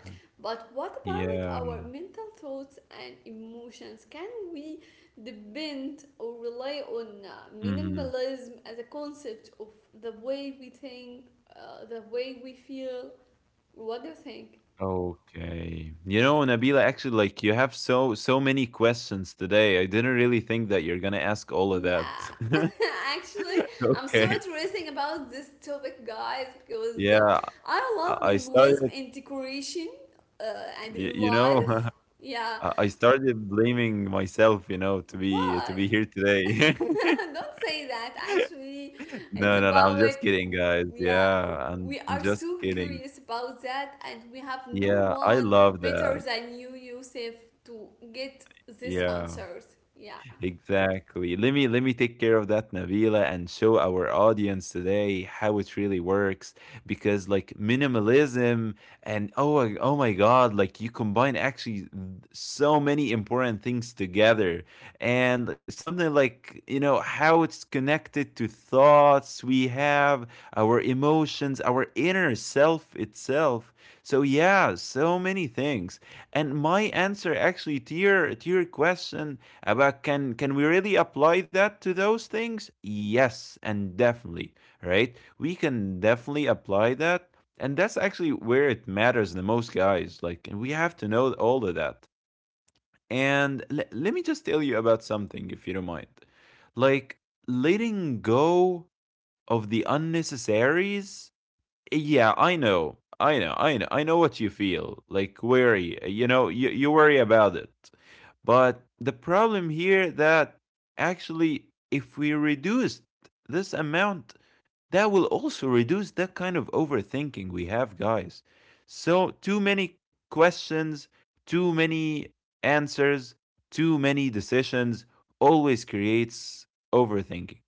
Speaker 1: but what about
Speaker 2: Yeah.
Speaker 1: our mental thoughts and emotions? Can we depend or rely on
Speaker 2: Mhm.
Speaker 1: minimalism as a concept of the way we think, the way we feel? What do you think?
Speaker 2: Okay. You know, Nabila, actually, like you have so many questions today. I didn't really think that you're gonna ask all of
Speaker 1: Yeah,
Speaker 2: that.
Speaker 1: actually, I'm so
Speaker 2: Okay.
Speaker 1: interesting about this topic, guys, because
Speaker 2: Yeah,
Speaker 1: I
Speaker 2: I
Speaker 1: love
Speaker 2: I started,
Speaker 1: minimalism in decoration uh, and
Speaker 2: y-
Speaker 1: in
Speaker 2: you know,
Speaker 1: life. Yeah,
Speaker 2: I started blaming myself, you know, to
Speaker 1: why?
Speaker 2: be here today.
Speaker 1: Don't say that. Actually,
Speaker 2: No,
Speaker 1: it's
Speaker 2: no, no, I'm
Speaker 1: about
Speaker 2: just
Speaker 1: it,
Speaker 2: kidding, guys.
Speaker 1: yeah.
Speaker 2: Yeah, I'm
Speaker 1: We
Speaker 2: I'm
Speaker 1: are
Speaker 2: just
Speaker 1: so
Speaker 2: kidding.
Speaker 1: curious about that, and we have no
Speaker 2: Yeah, I
Speaker 1: one
Speaker 2: love that.
Speaker 1: better than you, Yusuf, to get these
Speaker 2: Yeah.
Speaker 1: answers. Yeah.
Speaker 2: Exactly. Let me take care of that, Nabila, and show our audience today how it really works. Because like minimalism and oh my god, like you combine actually so many important things together, and like, something like you know how it's connected to thoughts we have, our emotions, our inner self itself. So yeah, so many things. And my answer actually to your question but can we really apply that to those things? Yes, and definitely, right? We can definitely apply that, and that's actually where it matters the most, guys. Like, we have to know all of that. And let me just tell you about something, if you don't mind. Like letting go of the unnecessaries. Yeah, I know. I know. I know. I know what you feel. Like worry. You know, you worry about it. But the problem here that actually if we reduced this amount, that will also reduce that kind of overthinking we have, guys. So, too many questions, too many answers, too many decisions always creates overthinking.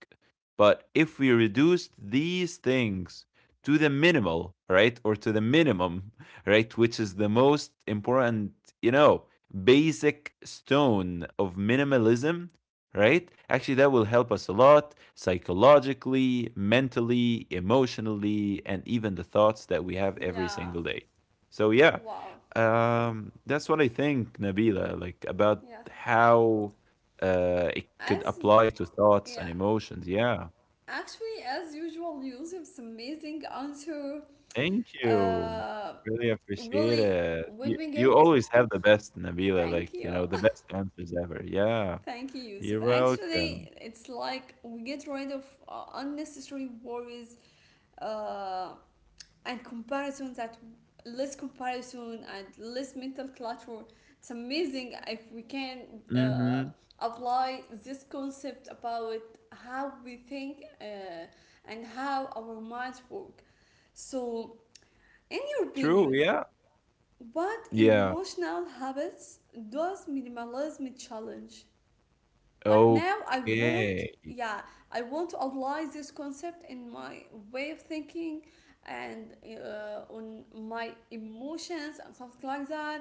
Speaker 2: But if we reduced these things to the minimal, right, or to the minimum, right, which is the most important, you know, basic stone of minimalism, right? Actually, that will help us a lot psychologically, mentally, emotionally, and even the thoughts that we have every
Speaker 1: Yeah.
Speaker 2: single day. So, yeah,
Speaker 1: Wow.
Speaker 2: that's what I think, Nabila, like about
Speaker 1: Yes.
Speaker 2: how it could
Speaker 1: As,
Speaker 2: apply to thoughts and
Speaker 1: yeah,
Speaker 2: emotions. Yeah,
Speaker 1: actually, as usual, Yusuf's amazing answer.
Speaker 2: thank you.
Speaker 1: Uh,
Speaker 2: Really appreciate
Speaker 1: Really,
Speaker 2: it.
Speaker 1: when we
Speaker 2: You
Speaker 1: get,
Speaker 2: always have the best, Nabila,
Speaker 1: thank
Speaker 2: like, you
Speaker 1: you.
Speaker 2: know, the best answers ever. Yeah,
Speaker 1: Thank you,
Speaker 2: you're
Speaker 1: Yusuf.
Speaker 2: welcome.
Speaker 1: Actually, it's like we get rid of unnecessary worries uh, and comparisons. That less comparison and less mental clutter. It's amazing if we can uh,
Speaker 2: Mm-hmm.
Speaker 1: apply this concept about how we think and how our minds work. So, in your
Speaker 2: True,
Speaker 1: opinion,
Speaker 2: yeah.
Speaker 1: what
Speaker 2: Yeah.
Speaker 1: emotional habits does minimalism challenge? Like now, I want,
Speaker 2: Okay.
Speaker 1: yeah, I want to apply this concept in my way of thinking and on my emotions and something like that.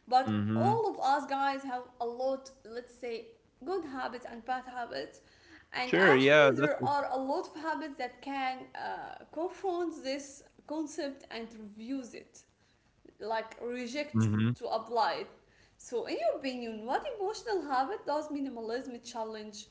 Speaker 1: But
Speaker 2: Mhm.
Speaker 1: all of us guys have a lot, let's say, good habits and bad habits. And
Speaker 2: Sure, yeah,
Speaker 1: actually,
Speaker 2: that's
Speaker 1: there
Speaker 2: a
Speaker 1: are a lot of habits that can confront this concept and reviews it, like reject
Speaker 2: mhm.
Speaker 1: to apply it. So, in your opinion, what emotional habit does minimalism challenge?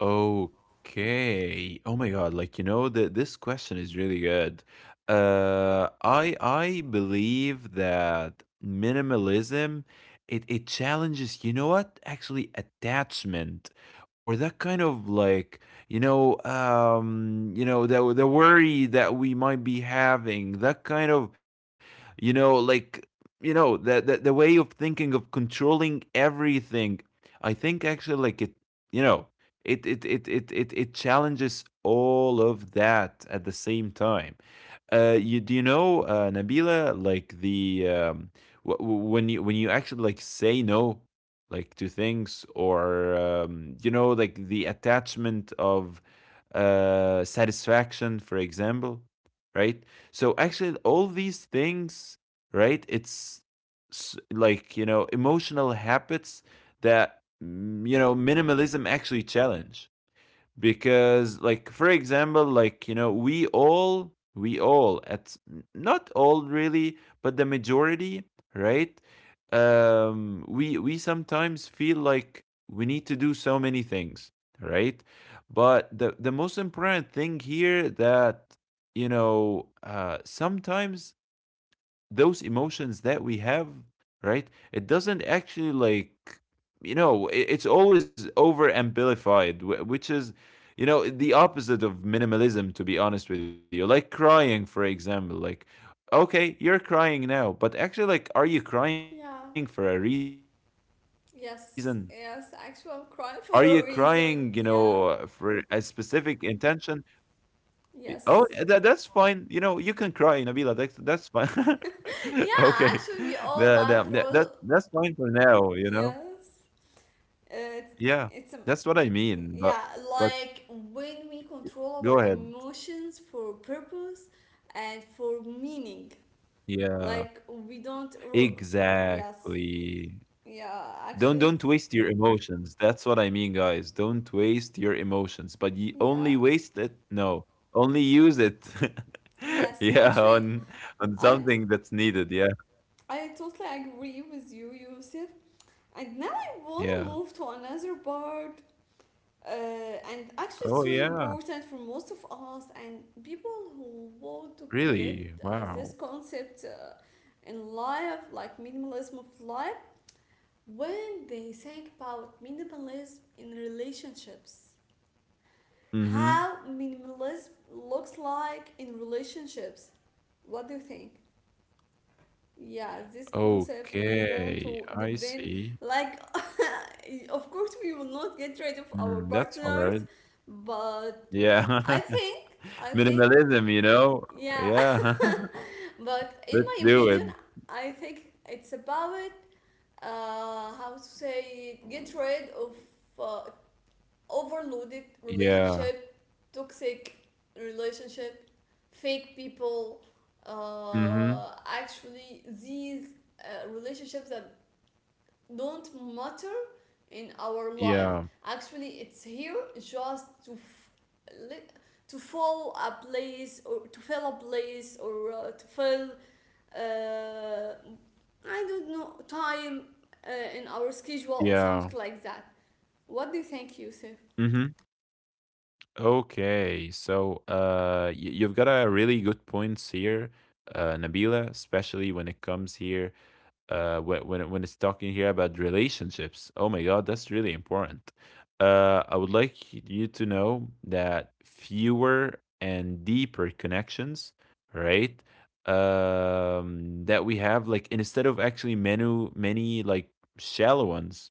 Speaker 2: Okay. Oh my God. Like, you know, that this question is really good. I believe that minimalism it challenges, you know what? Actually, attachment or that kind of like, you know, the worry that we might be having, that kind of, you know, like, you know, the way of thinking of controlling everything. I think actually like it, you know, it challenges all of that at the same time. You know Nabila, like the when you actually like say no, like to things, or you know, like the attachment of satisfaction, for example, right? So actually all these things, right, like, you know, emotional habits that you know, minimalism actually challenge. Because, like, for example, like, you know, we all at, not all really, but the majority, right? We sometimes feel like we need to do so many things, right? But the most important thing here that, you know, sometimes those emotions that we have, right? It doesn't actually like, you know, it's always over amplified, which is, you know, the opposite of minimalism. To be honest with you, like crying, for example, like okay, you're crying now, but actually, like, are you crying for a
Speaker 1: Yeah.
Speaker 2: reason? Are you crying, you
Speaker 1: Yes.
Speaker 2: know,
Speaker 1: Yes.
Speaker 2: for
Speaker 1: Actually,
Speaker 2: a
Speaker 1: I'm crying for
Speaker 2: specific
Speaker 1: a reason.
Speaker 2: intention?
Speaker 1: Yeah.
Speaker 2: Oh, that's fine. You know, you can
Speaker 1: Yes.
Speaker 2: cry, Nabila. That's fine. Okay.
Speaker 1: Yeah. Actually, we all
Speaker 2: That's
Speaker 1: bad
Speaker 2: fine for
Speaker 1: through.
Speaker 2: now, you know.
Speaker 1: Yes.
Speaker 2: Yeah.
Speaker 1: It's
Speaker 2: That's what I
Speaker 1: it's a
Speaker 2: mean. But
Speaker 1: yeah, like when we
Speaker 2: go ahead.
Speaker 1: control our emotions for purpose and for meaning.
Speaker 2: Yeah.
Speaker 1: Like we don't. Yes,
Speaker 2: Exactly.
Speaker 1: yeah.
Speaker 2: Don't
Speaker 1: Actually,
Speaker 2: don't waste your emotions. That's what I mean, guys. Don't waste your emotions. But you
Speaker 1: yeah,
Speaker 2: only waste it. No. Only use it.
Speaker 1: yes.
Speaker 2: Yeah,
Speaker 1: Actually,
Speaker 2: on
Speaker 1: I
Speaker 2: something that's needed. Yeah.
Speaker 1: I totally agree with you, Yusuf. And now I wanna
Speaker 2: Yeah.
Speaker 1: move to another part, and actually it's so
Speaker 2: Oh yeah.
Speaker 1: important for most of us and people who want to get
Speaker 2: Really?
Speaker 1: this
Speaker 2: Wow.
Speaker 1: concept in life, like minimalism of life, when they think about minimalism in relationships,
Speaker 2: Mhm.
Speaker 1: how minimalism looks like in relationships. What do you think? Yeah, this concept, when you want
Speaker 2: Okay,
Speaker 1: to
Speaker 2: I
Speaker 1: depend,
Speaker 2: see.
Speaker 1: like, of course we will not get rid of our
Speaker 2: Mm, that's hard.
Speaker 1: partners. But
Speaker 2: Yeah.
Speaker 1: I think, I think,
Speaker 2: Minimalism, you know?
Speaker 1: yeah.
Speaker 2: Yeah.
Speaker 1: But in
Speaker 2: Let's
Speaker 1: my
Speaker 2: do
Speaker 1: opinion,
Speaker 2: it.
Speaker 1: I think it's about how to say, get rid of uh, overloaded
Speaker 2: Yeah.
Speaker 1: relationship, toxic relationship, fake people.
Speaker 2: Mhm.
Speaker 1: Actually, these relationships that don't matter
Speaker 2: Yeah.
Speaker 1: in our life. Actually, it's here just to fill a place or to fill a place or to fill, uh, I don't know, time in our
Speaker 2: Yeah.
Speaker 1: schedule or something like that. What do you think,
Speaker 2: Mhm.
Speaker 1: Yusuf?
Speaker 2: Okay, so y you've got a really good points here, Nabila, especially when it comes here when it's talking here about relationships. Oh my God, that's really important. I would like you to know that fewer and deeper connections, right? That we have, like instead of actually many like shallow ones,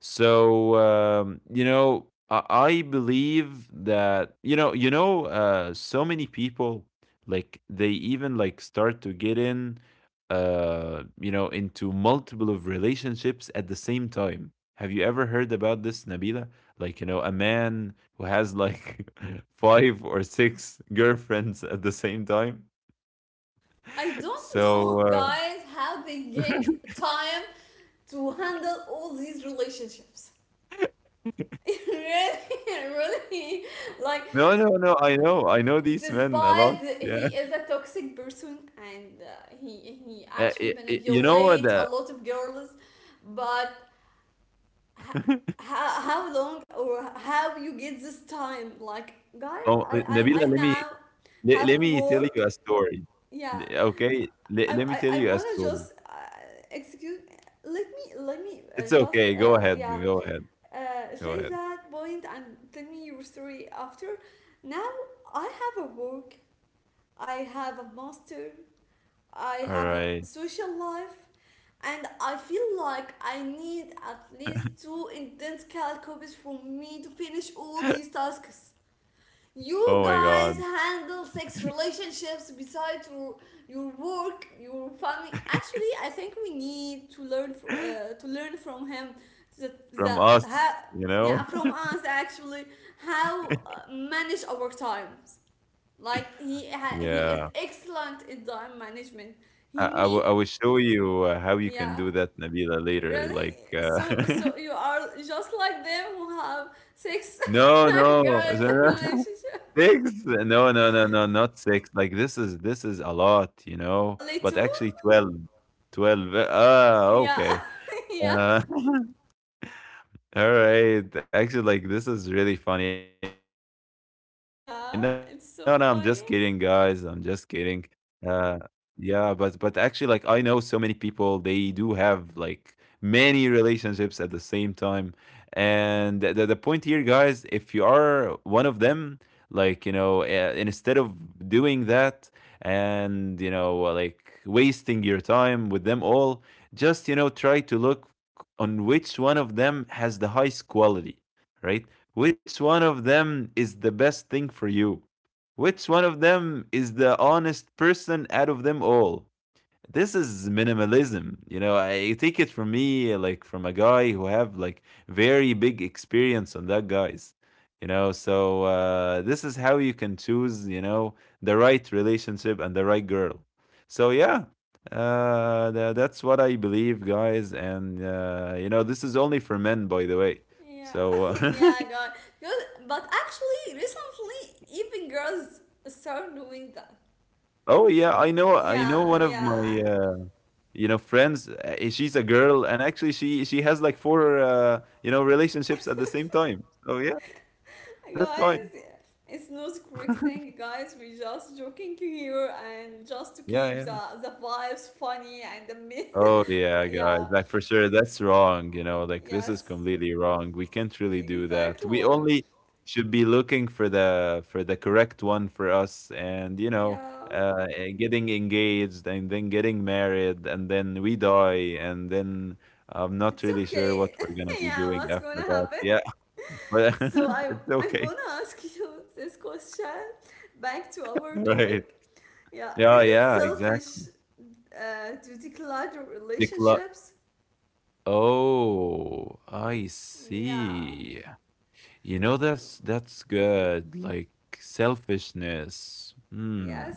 Speaker 2: so you know, I believe that, you know, so many people like they even like start to get in, you know, into multiple of relationships at the same time. Have you ever heard about this, Nabila? Like you know, a man who has like five or six girlfriends at the same time.
Speaker 1: I don't
Speaker 2: So
Speaker 1: know, guys, how they get time to handle all these relationships. Really, really, like,
Speaker 2: no, no, no. I know these men a lot.
Speaker 1: despite
Speaker 2: Yeah,
Speaker 1: he is a toxic person and he actually
Speaker 2: You know what?
Speaker 1: manipulates a lot of girls, but h- how long or how you get this time, like,
Speaker 2: Oh,
Speaker 1: guys?
Speaker 2: Nabila,
Speaker 1: I
Speaker 2: let me
Speaker 1: now
Speaker 2: let
Speaker 1: have
Speaker 2: me tell
Speaker 1: work,
Speaker 2: you a story.
Speaker 1: yeah.
Speaker 2: Okay, let me tell
Speaker 1: I
Speaker 2: you a
Speaker 1: want to
Speaker 2: story.
Speaker 1: just excuse, let me
Speaker 2: It's okay.
Speaker 1: just
Speaker 2: Go ahead.
Speaker 1: yeah,
Speaker 2: Go ahead. Go
Speaker 1: say
Speaker 2: ahead.
Speaker 1: that point and tell me your story after. Now I have a work, I have a master, I
Speaker 2: All
Speaker 1: have a
Speaker 2: right.
Speaker 1: social life, and I feel like I need at least two intense calcopies from me to finish all these tasks.
Speaker 2: Oh my
Speaker 1: You
Speaker 2: God.
Speaker 1: guys handle sex relationships besides your work, your family. Actually, I think we need to learn, to learn from him. that
Speaker 2: From
Speaker 1: that
Speaker 2: us,
Speaker 1: ha-
Speaker 2: you
Speaker 1: yeah,
Speaker 2: know.
Speaker 1: from us, actually, how manage our times. Like he is
Speaker 2: Yeah.
Speaker 1: excellent in time management. He
Speaker 2: I
Speaker 1: meet,
Speaker 2: I will show you how you can
Speaker 1: yeah.
Speaker 2: do that, Nabila, later.
Speaker 1: Really?
Speaker 2: Like,
Speaker 1: So, you are just like them who have six
Speaker 2: no, no,
Speaker 1: girls in
Speaker 2: no,
Speaker 1: relationship?
Speaker 2: six. No, no, no, no, not six. Like this is a lot, you know.
Speaker 1: Only
Speaker 2: But
Speaker 1: two.
Speaker 2: actually, twelve, twelve. Ah,
Speaker 1: Yeah.
Speaker 2: okay.
Speaker 1: Yeah,
Speaker 2: Uh, All right. Actually, like this is really funny. No, no, I'm just kidding, guys. I'm just
Speaker 1: yeah.
Speaker 2: kidding.
Speaker 1: It's so funny.
Speaker 2: Uh yeah, but actually, like, I know so many people they do have like many relationships at the same time. And the the point here, guys, if you are one of them, like, you know, instead of doing that and, you know, like wasting your time with them all, just, you know, try to look on which one of them has the highest quality, right? Which one of them is the best thing for you? Which one of them is the honest person out of them all? This is minimalism, you know. I take it from me, like from a guy who have like very big experience on that, guys, you know. So this is how you can choose, you know, the right relationship and the right girl. So yeah, that's what I believe, guys. And you know, this is only for men, by the way.
Speaker 1: Yeah.
Speaker 2: So
Speaker 1: Yeah, god. Because, but actually recently even girls start doing that.
Speaker 2: oh yeah,
Speaker 1: L-
Speaker 2: I know, I
Speaker 1: yeah,
Speaker 2: know one of
Speaker 1: yeah.
Speaker 2: my Uh, you know, friends, she's a girl, and actually, she has like four, you know, relationships at the same time. So yeah, that's fine.
Speaker 1: Guys, it's no quick thing, guys. We're just joking here and just to
Speaker 2: Yeah,
Speaker 1: keep
Speaker 2: yeah.
Speaker 1: the vibes funny, and the
Speaker 2: Oh yeah, guys,
Speaker 1: yeah,
Speaker 2: like, for sure that's wrong, you know. Like, this is
Speaker 1: yes,
Speaker 2: completely wrong. We can't really do
Speaker 1: exactly.
Speaker 2: that. We only should be looking for the correct one for us. And you know,
Speaker 1: Yeah,
Speaker 2: getting engaged, and then getting married, and then we die, and then I'm
Speaker 1: it's
Speaker 2: not really sure
Speaker 1: okay.
Speaker 2: what we're gonna be
Speaker 1: Yeah, what's
Speaker 2: doing
Speaker 1: gonna
Speaker 2: after that.
Speaker 1: happen.
Speaker 2: Yeah. but
Speaker 1: So,
Speaker 2: it's
Speaker 1: I'm
Speaker 2: okay.
Speaker 1: gonna ask you this question, back to our
Speaker 2: Right.
Speaker 1: topic. Yeah, is
Speaker 2: Yeah,
Speaker 1: it
Speaker 2: yeah,
Speaker 1: selfish
Speaker 2: exactly.
Speaker 1: to declutter
Speaker 2: Decla.
Speaker 1: relationships?
Speaker 2: Oh, I
Speaker 1: Yeah,
Speaker 2: see. You know, that's good. Like selfishness. Hmm.
Speaker 1: yes.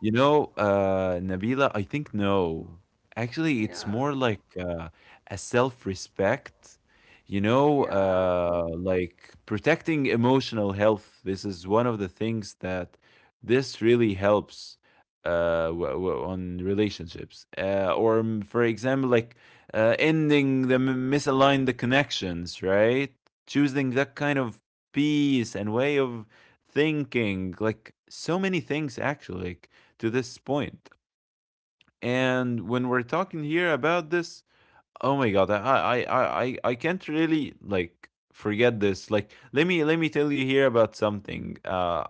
Speaker 2: You know, Nabila, I think no. Actually, it's
Speaker 1: Yeah.
Speaker 2: more like a self-respect, you know,
Speaker 1: Yeah.
Speaker 2: like protecting emotional health. This is one of the things that this really helps on relationships. Or, for example, like ending the misaligned the connections, right? Choosing that kind of peace and way of thinking, like so many things actually. Like, to this point. And when we're talking here about this, oh my god, I can't really like forget this. Like let me tell you here about something.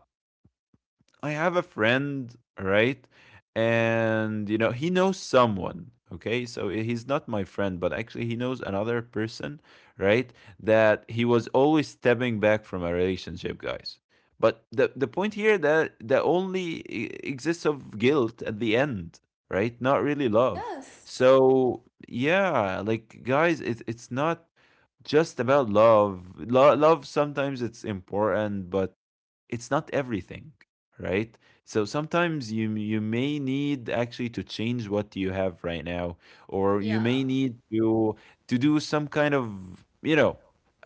Speaker 2: I have a friend, right? And you know, he knows someone, okay? So he's not my friend, but actually he knows another person, right? That he was always stepping back from a relationship, guys. But the point here that that only exists of guilt at the end, right? Not really love.
Speaker 1: Yes.
Speaker 2: So yeah, like guys, it it's not just about love. Love sometimes it's important, but it's not everything, right? So sometimes you may need actually to change what you have right now, or you may
Speaker 1: Yeah.
Speaker 2: need to do some kind of, you know,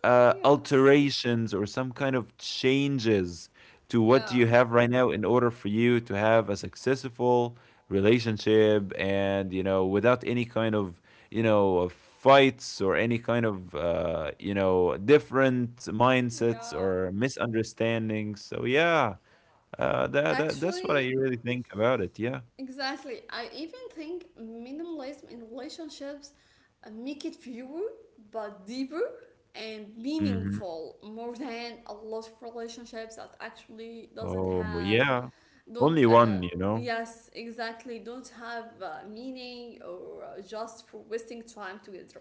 Speaker 1: Yes.
Speaker 2: alterations, or some kind of changes to what you
Speaker 1: Yeah.
Speaker 2: have right now in order for you to have a successful relationship, and you know, without any kind of, you know, of fights, or any kind of, you know, different mindsets
Speaker 1: Yeah.
Speaker 2: or misunderstandings. So yeah, that that's what
Speaker 1: Actually,
Speaker 2: I really think about it. Yeah.
Speaker 1: exactly. I even think minimalism in relationships, make it fewer but deeper and
Speaker 2: Hmm.
Speaker 1: meaningful more than a lot of relationships that actually doesn't
Speaker 2: Oh
Speaker 1: have,
Speaker 2: yeah,
Speaker 1: don't
Speaker 2: only one, you know.
Speaker 1: yes, exactly, don't have meaning, or just for wasting time together.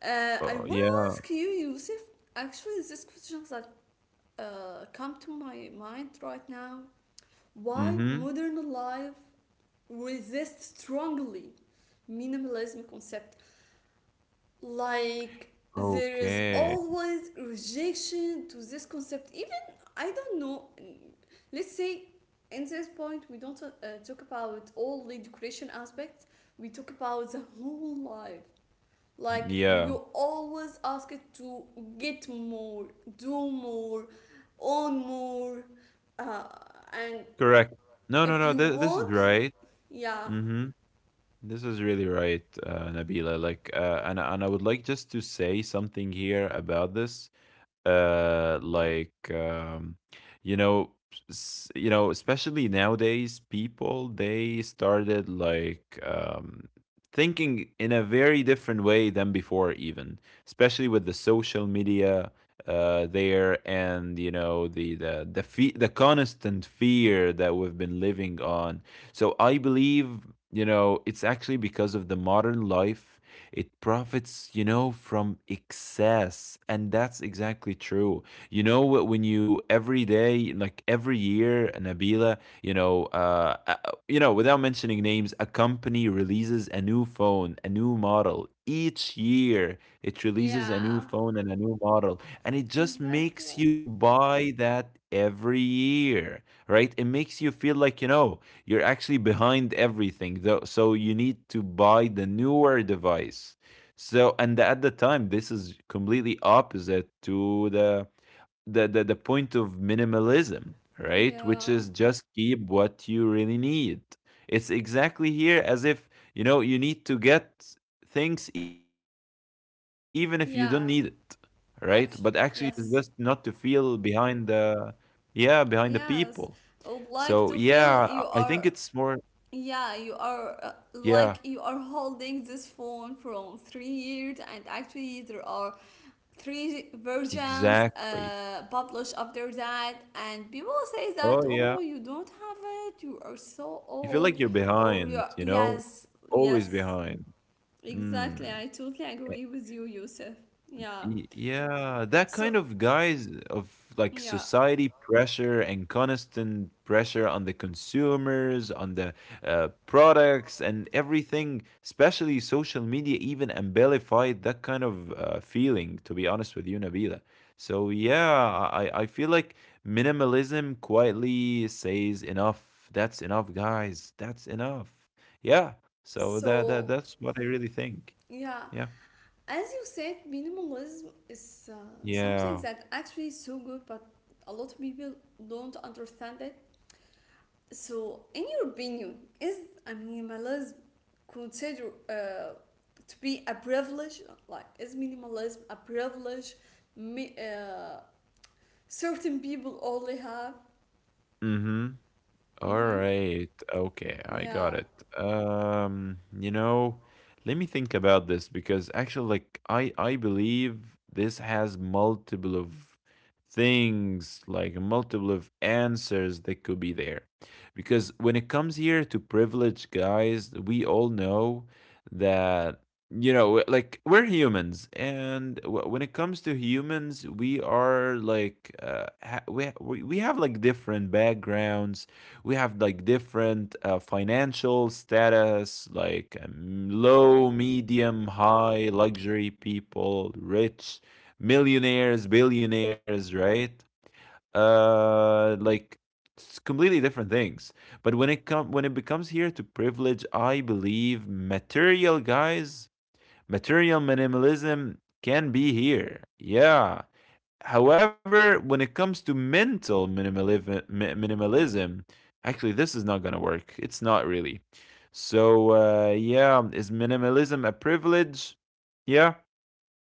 Speaker 1: I
Speaker 2: Oh
Speaker 1: want to ask
Speaker 2: yeah.
Speaker 1: you, Yusuf. Actually, this question that come to my mind right now. Why
Speaker 2: Mm-hmm.
Speaker 1: modern life resists strongly minimalism concept? Like there is
Speaker 2: Okay.
Speaker 1: always rejection to this concept. Even I don't know. Let's say, in this point we don't talk about all the decoration aspects. We talk about the whole life, like you
Speaker 2: Yeah.
Speaker 1: always ask it to get more, do more, own more, uh, and
Speaker 2: Correct. No, no,
Speaker 1: if
Speaker 2: no,
Speaker 1: you
Speaker 2: this is
Speaker 1: want,
Speaker 2: right.
Speaker 1: yeah,
Speaker 2: Mm-hmm. This is really right, Nabila. Like, and I would like just to say something here about this. uh like um you know you know, especially nowadays, people, they started like thinking in a very different way than before, even especially with the social media there. And you know, the constant fear that we've been living on. So I believe, you know, it's actually because of the modern life. It profits, you know, from excess. And that's exactly true. You know, when you every day, like every year, Nabila, you know, uh, uh, you know, without mentioning names, a company releases a new phone, a new model. Each year, it releases a new
Speaker 1: yeah,
Speaker 2: phone and a new model, and it just makes
Speaker 1: exactly,
Speaker 2: you buy that every year, right? It makes you feel like, you know, you're actually behind everything, though, so you need to buy the newer device. So, and at the time, this is completely opposite to the point of minimalism, right? Which
Speaker 1: yeah,
Speaker 2: is just keep what you really need. It's exactly here, as if, you know, you need to get things even if you don't need it, right? But
Speaker 1: yeah.
Speaker 2: actually, it's just not to
Speaker 1: Actually,
Speaker 2: feel
Speaker 1: yes,
Speaker 2: behind the, yeah, behind the people. So
Speaker 1: yes. I
Speaker 2: yeah,
Speaker 1: would
Speaker 2: I
Speaker 1: like to
Speaker 2: think it's
Speaker 1: feel
Speaker 2: more,
Speaker 1: you are, yeah, you
Speaker 2: yeah.
Speaker 1: are like, you are holding this phone from 3 years, and actually there are three
Speaker 2: Exactly.
Speaker 1: versions published after that, and people
Speaker 2: Oh,
Speaker 1: say
Speaker 2: yeah.
Speaker 1: that, oh, you don't have it, you are so
Speaker 2: You feel like you're
Speaker 1: old, or
Speaker 2: behind,
Speaker 1: you're,
Speaker 2: you know?
Speaker 1: yes,
Speaker 2: Always
Speaker 1: yes,
Speaker 2: behind.
Speaker 1: exactly,
Speaker 2: Mm.
Speaker 1: I totally agree with you, Yusuf, yeah.
Speaker 2: Yeah, that kind
Speaker 1: So,
Speaker 2: of guys of like
Speaker 1: yeah.
Speaker 2: society pressure and constant pressure on the consumers, on the products and everything, especially social media even amplified that kind of feeling, to be honest with you, Nabila. So yeah, I feel like minimalism quietly says enough. That's enough, guys. That's enough. Yeah. So that that
Speaker 1: So,
Speaker 2: that's what I really think.
Speaker 1: yeah.
Speaker 2: Yeah.
Speaker 1: As you said, minimalism is something
Speaker 2: Yeah.
Speaker 1: that actually is so good, but a lot of people don't understand it. So, in your opinion, is, I mean, minimalism considered to be a privilege? Like, is minimalism a privilege mi- uh, certain people only have?
Speaker 2: Mm-hmm.
Speaker 1: Mm-hmm.
Speaker 2: Alright, okay, I
Speaker 1: Yeah,
Speaker 2: got it. You know, let me think about this, because actually, like, I believe this has multiple of things, like multiple of answers that could be there. Because when it comes here to privileged guys, we all know that, you know, like we're humans, and when it comes to humans, we are like we have like different backgrounds. We have like different financial status, like low, medium, high, luxury people, rich, millionaires, billionaires, right? Like, it's completely different things. But when it becomes here to privilege, I believe material guys, material minimalism, can be here, yeah. However, when it comes to mental minimalism, minimalism, actually, this is not gonna work. It's not really. So yeah, is minimalism a privilege? Yeah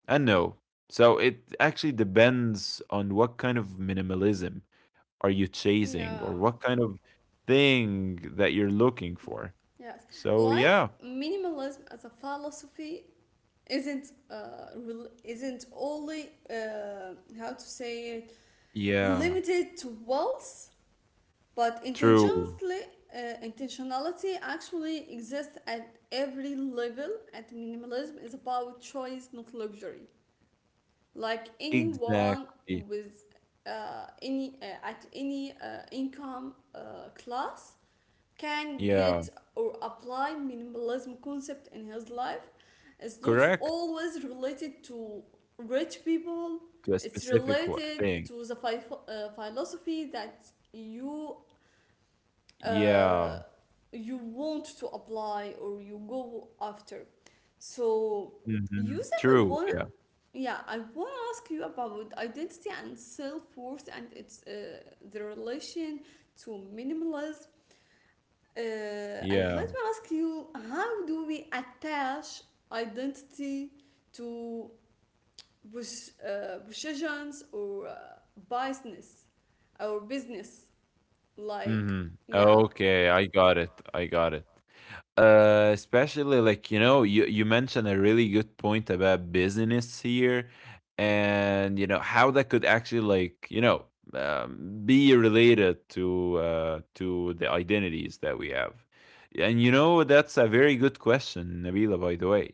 Speaker 2: and no. So it actually depends on what kind of minimalism are you chasing
Speaker 1: yeah,
Speaker 2: or what kind of thing that you're looking for.
Speaker 1: yes.
Speaker 2: So
Speaker 1: Like,
Speaker 2: yeah,
Speaker 1: minimalism as a philosophy isn't, rel isn't only, how to say it,
Speaker 2: yeah,
Speaker 1: limited to wealth. But
Speaker 2: true,
Speaker 1: intentionally, intentionality actually exists at every level. At minimalism is about choice, not luxury. Like anyone
Speaker 2: exactly,
Speaker 1: with any at any income class can
Speaker 2: yeah,
Speaker 1: get or apply minimalism concept in his life. It's not
Speaker 2: correct,
Speaker 1: always related to rich people.
Speaker 2: to a
Speaker 1: It's
Speaker 2: specific
Speaker 1: related
Speaker 2: thing.
Speaker 1: to the philosophy that you
Speaker 2: Yeah.
Speaker 1: uh, you want to apply or you go after. So,
Speaker 2: Mhm.
Speaker 1: Yusuf, I
Speaker 2: True,
Speaker 1: want,
Speaker 2: yeah.
Speaker 1: yeah, I want to ask you about identity and self worth and its, the relation to minimalism. Uh, and let
Speaker 2: Yeah.
Speaker 1: me ask you, how do we attach identity to, positions, or business, or business? Like,
Speaker 2: Mhm.
Speaker 1: yeah,
Speaker 2: Okay, I got it, I got it. Especially, like, you know, you mentioned a really good point about business here, and you know how that could actually, like, you know, be related to the identities that we have. And you know, that's a very good question, Nabila, by the way,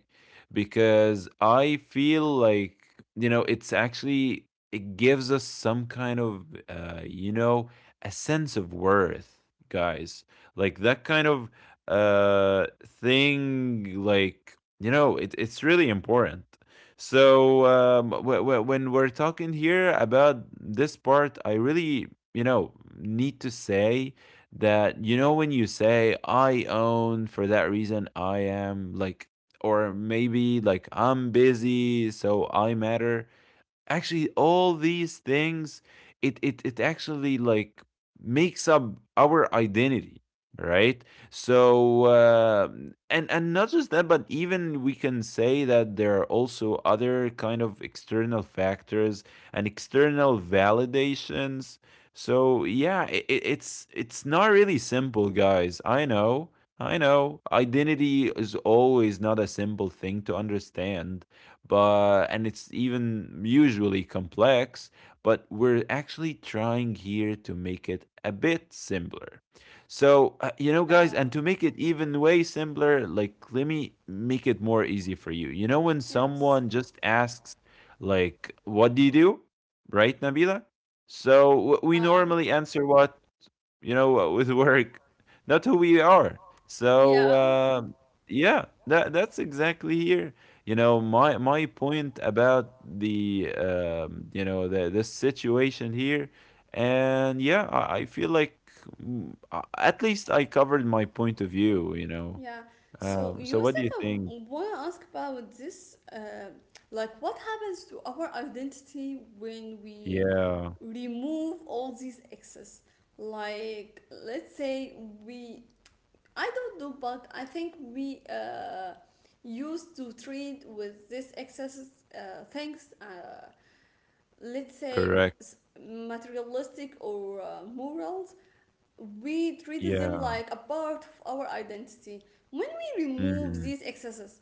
Speaker 2: because I feel like, you know, it's actually, it gives us some kind of you know, a sense of worth, guys, like that kind of thing, like, you know, it's really important. So when we're talking here about this part, I really, you know, need to say that, you know, when you say I own, for that reason I am, like, or maybe like I'm busy so I matter, actually all these things, it actually, like, makes up our identity, right? So and not just that, but even we can say that there are also other kind of external factors and external validations. So yeah, it's not really simple, guys, I know. I know identity is always not a simple thing to understand, but and it's even usually complex, but we're actually trying here to make it a bit simpler. So you know, guys,
Speaker 1: yeah,
Speaker 2: and to make it even way simpler, like, let me make it more easy for you. You know, when
Speaker 1: yes.
Speaker 2: someone just asks like, what do you do, right, Nabila? So we
Speaker 1: Yeah,
Speaker 2: normally answer what, you know, with work, not who we are. So
Speaker 1: yeah,
Speaker 2: yeah, that's exactly here. You know, my point about the you know, the this situation here, and yeah, I feel like at least I covered my point of view. You know,
Speaker 1: yeah. So,
Speaker 2: so
Speaker 1: Yusuf,
Speaker 2: what do you
Speaker 1: I
Speaker 2: think?
Speaker 1: want to ask about this. Like, what happens to our identity when we
Speaker 2: Yeah,
Speaker 1: remove all these excess? Like, let's say we, I don't know, but I think we used to treat with this excess things, let's say,
Speaker 2: correct.
Speaker 1: materialistic or moral, we treat them
Speaker 2: Yeah,
Speaker 1: like a part of our identity. When we remove
Speaker 2: mhm,
Speaker 1: these excesses,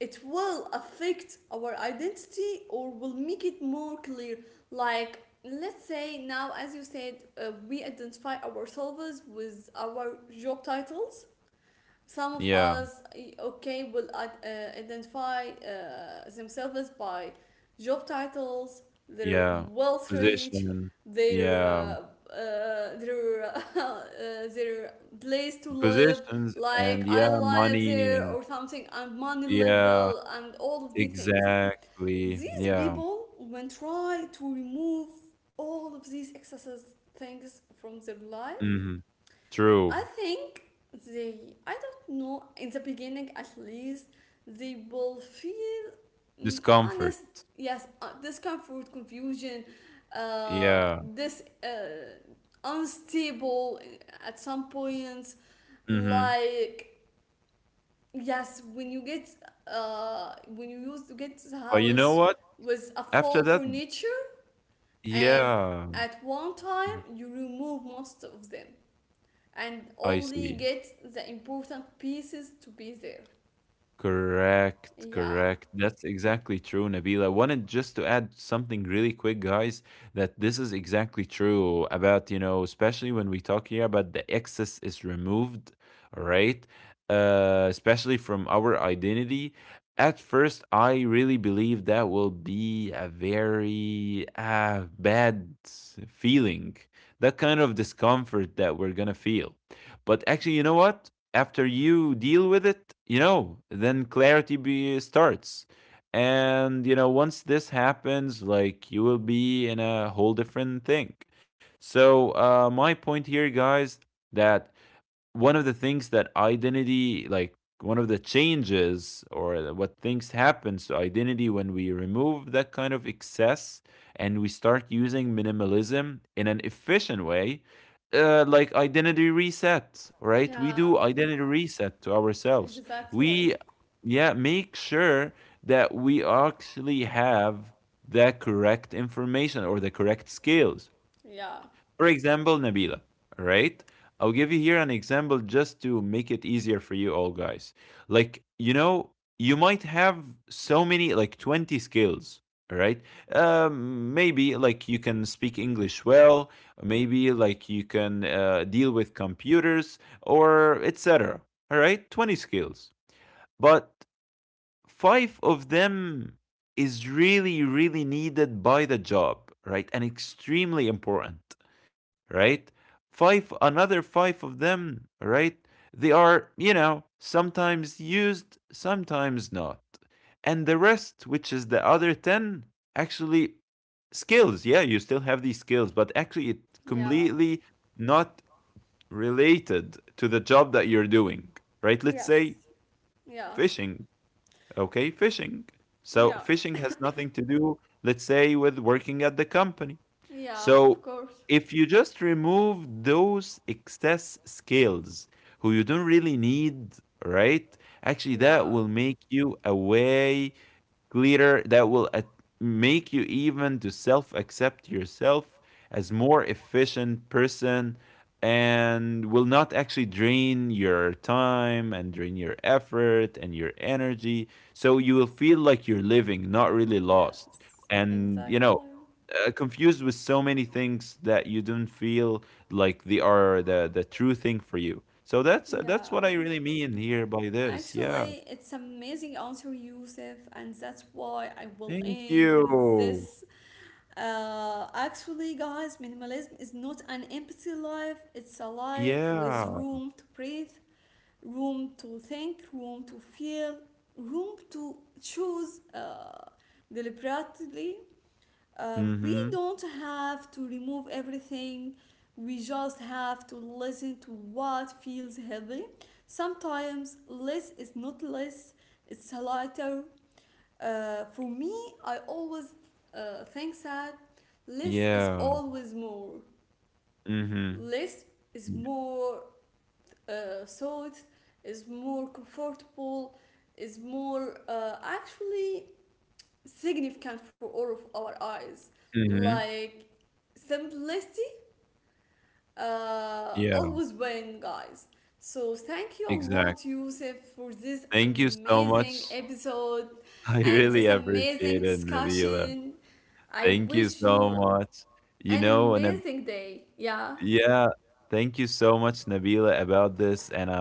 Speaker 1: it will affect our identity or will make it more clear. Like, let's say now, as you said, we identify ourselves with our job titles. Some of
Speaker 2: yeah,
Speaker 1: us, okay, will identify themselves by job titles, their
Speaker 2: yeah.
Speaker 1: wealth reach,
Speaker 2: Position,
Speaker 1: their
Speaker 2: yeah,
Speaker 1: uh, their their place to live,
Speaker 2: positions,
Speaker 1: like
Speaker 2: and
Speaker 1: I
Speaker 2: yeah,
Speaker 1: live
Speaker 2: money
Speaker 1: there or
Speaker 2: and
Speaker 1: something, and money
Speaker 2: yeah,
Speaker 1: level, and all of these things.
Speaker 2: exactly.
Speaker 1: These
Speaker 2: Yeah.
Speaker 1: people, when try to remove all of these excesses things from their life,
Speaker 2: Mhm.
Speaker 1: I
Speaker 2: True.
Speaker 1: think they, I don't know, in the beginning at least, they will feel,
Speaker 2: Discomfort.
Speaker 1: honest, yes, discomfort, confusion,
Speaker 2: Yeah.
Speaker 1: this unstable at some points.
Speaker 2: Mhm.
Speaker 1: Like, yes, when you get, when you used to get the
Speaker 2: But you know
Speaker 1: house
Speaker 2: what?
Speaker 1: with a
Speaker 2: After
Speaker 1: full
Speaker 2: that,
Speaker 1: furniture, and
Speaker 2: yeah.
Speaker 1: at one
Speaker 2: Mhm.
Speaker 1: time you remove most of them and
Speaker 2: I
Speaker 1: only
Speaker 2: see.
Speaker 1: get the important pieces to be there.
Speaker 2: Correct,
Speaker 1: Yeah,
Speaker 2: correct. That's exactly true, Nabila. Wanted just to add something really quick, guys, that this is exactly true about, you know, especially when we talk here about the excess is removed, all right? Especially from our identity. At first, I really believe that will be a very bad feeling, that kind of discomfort that we're gonna feel. But actually, you know what? After you deal with it, you know, then starts. And, you know, once this happens, like, you will be in a whole different thing. So, my point here, guys, that one of the things that identity, like, one of the changes or what things happens to identity when we remove that kind of excess and we start using minimalism in an efficient way, like, identity reset, right? We
Speaker 1: yeah,
Speaker 2: do identity reset to ourselves.
Speaker 1: exactly.
Speaker 2: We, yeah, make sure that we actually have the correct information or the correct skills.
Speaker 1: Yeah,
Speaker 2: For example, Nabila, right? I'll give you here an example just to make it easier for you all, guys. Like, you know, you might have so many, like 20 skills, all right? Maybe like you can speak English well, maybe like you can deal with computers or etc. All right? 20 skills. But five of them is really, really needed by the job, right? And extremely important, right? Five, another five of them, right? They are, you know, sometimes used, sometimes not. And the rest, which is the other 10, actually skills. Yeah, you still have these skills, but actually, it's
Speaker 1: yeah,
Speaker 2: completely not related to the job that you're doing, right? Let's say
Speaker 1: yes, yeah,
Speaker 2: fishing, okay, fishing. So
Speaker 1: yeah,
Speaker 2: fishing has nothing to do, let's say, with working at the company.
Speaker 1: yeah,
Speaker 2: So
Speaker 1: of course.
Speaker 2: if you just remove those excess skills, who you don't really need, right, actually that
Speaker 1: Yeah,
Speaker 2: will make you a way glitter, that will make you even to self accept yourself as more efficient person, and will not actually drain your time and drain your effort and your energy. So you will feel like you're living not really lost
Speaker 1: yes,
Speaker 2: and, you know,
Speaker 1: exactly.
Speaker 2: confused with so many things that you don't feel like they are the true thing for you. So that's
Speaker 1: Yeah.
Speaker 2: what I really mean here by this, yeah.
Speaker 1: Actually, it's amazing answer, Yusuf, and that's why I will
Speaker 2: Thank
Speaker 1: end with
Speaker 2: you.
Speaker 1: this. Actually, guys, minimalism is not an empty life; it's a life with
Speaker 2: Yeah.
Speaker 1: room to breathe, room to think, room to feel, room to choose, deliberately. We
Speaker 2: Mhm.
Speaker 1: don't have to remove everything, we just have to listen to what feels heavy. Sometimes less is not less, it's lighter. For me, I always think that less is
Speaker 2: Yeah.
Speaker 1: always more.
Speaker 2: Mhm.
Speaker 1: Less is
Speaker 2: Yeah.
Speaker 1: more, thought, is more comfortable, is more actually significant for all of our eyes,
Speaker 2: Mhm.
Speaker 1: like simplicity
Speaker 2: Yeah.
Speaker 1: always win, guys. So, thank you a lot,
Speaker 2: Exactly.
Speaker 1: Yusuf, for this
Speaker 2: Thank you so
Speaker 1: amazing
Speaker 2: much.
Speaker 1: episode
Speaker 2: I
Speaker 1: and this
Speaker 2: really
Speaker 1: amazing
Speaker 2: appreciate it, Nabila.
Speaker 1: discussion. I
Speaker 2: Thank you
Speaker 1: wish you
Speaker 2: so much.
Speaker 1: an
Speaker 2: You know, and
Speaker 1: amazing day. Yeah,
Speaker 2: yeah, thank you so much, Nabila, about this. And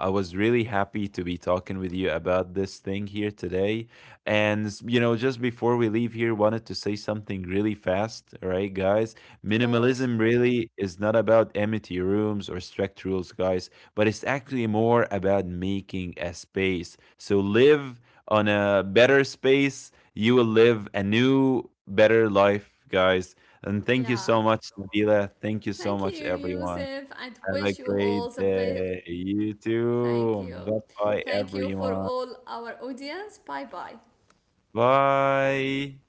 Speaker 2: I was really happy to be talking with you about this thing here today. And, you know, just before we leave here, wanted to say something really fast, all right, guys?
Speaker 1: of course,
Speaker 2: Minimalism really is not about empty rooms or strict rules, guys, but it's actually more about making a space. So live on a better space, you will live a new, better life, guys. And thank you
Speaker 1: yeah.
Speaker 2: so much, Nabila. Thank you so
Speaker 1: Thank you,
Speaker 2: much, everyone.
Speaker 1: Yusuf, and
Speaker 2: Have a
Speaker 1: wish you all
Speaker 2: great
Speaker 1: the best.
Speaker 2: day. You
Speaker 1: Thank you.
Speaker 2: too. Bye bye,
Speaker 1: Thank you for
Speaker 2: everyone.
Speaker 1: all our audience. Bye bye.
Speaker 2: Bye.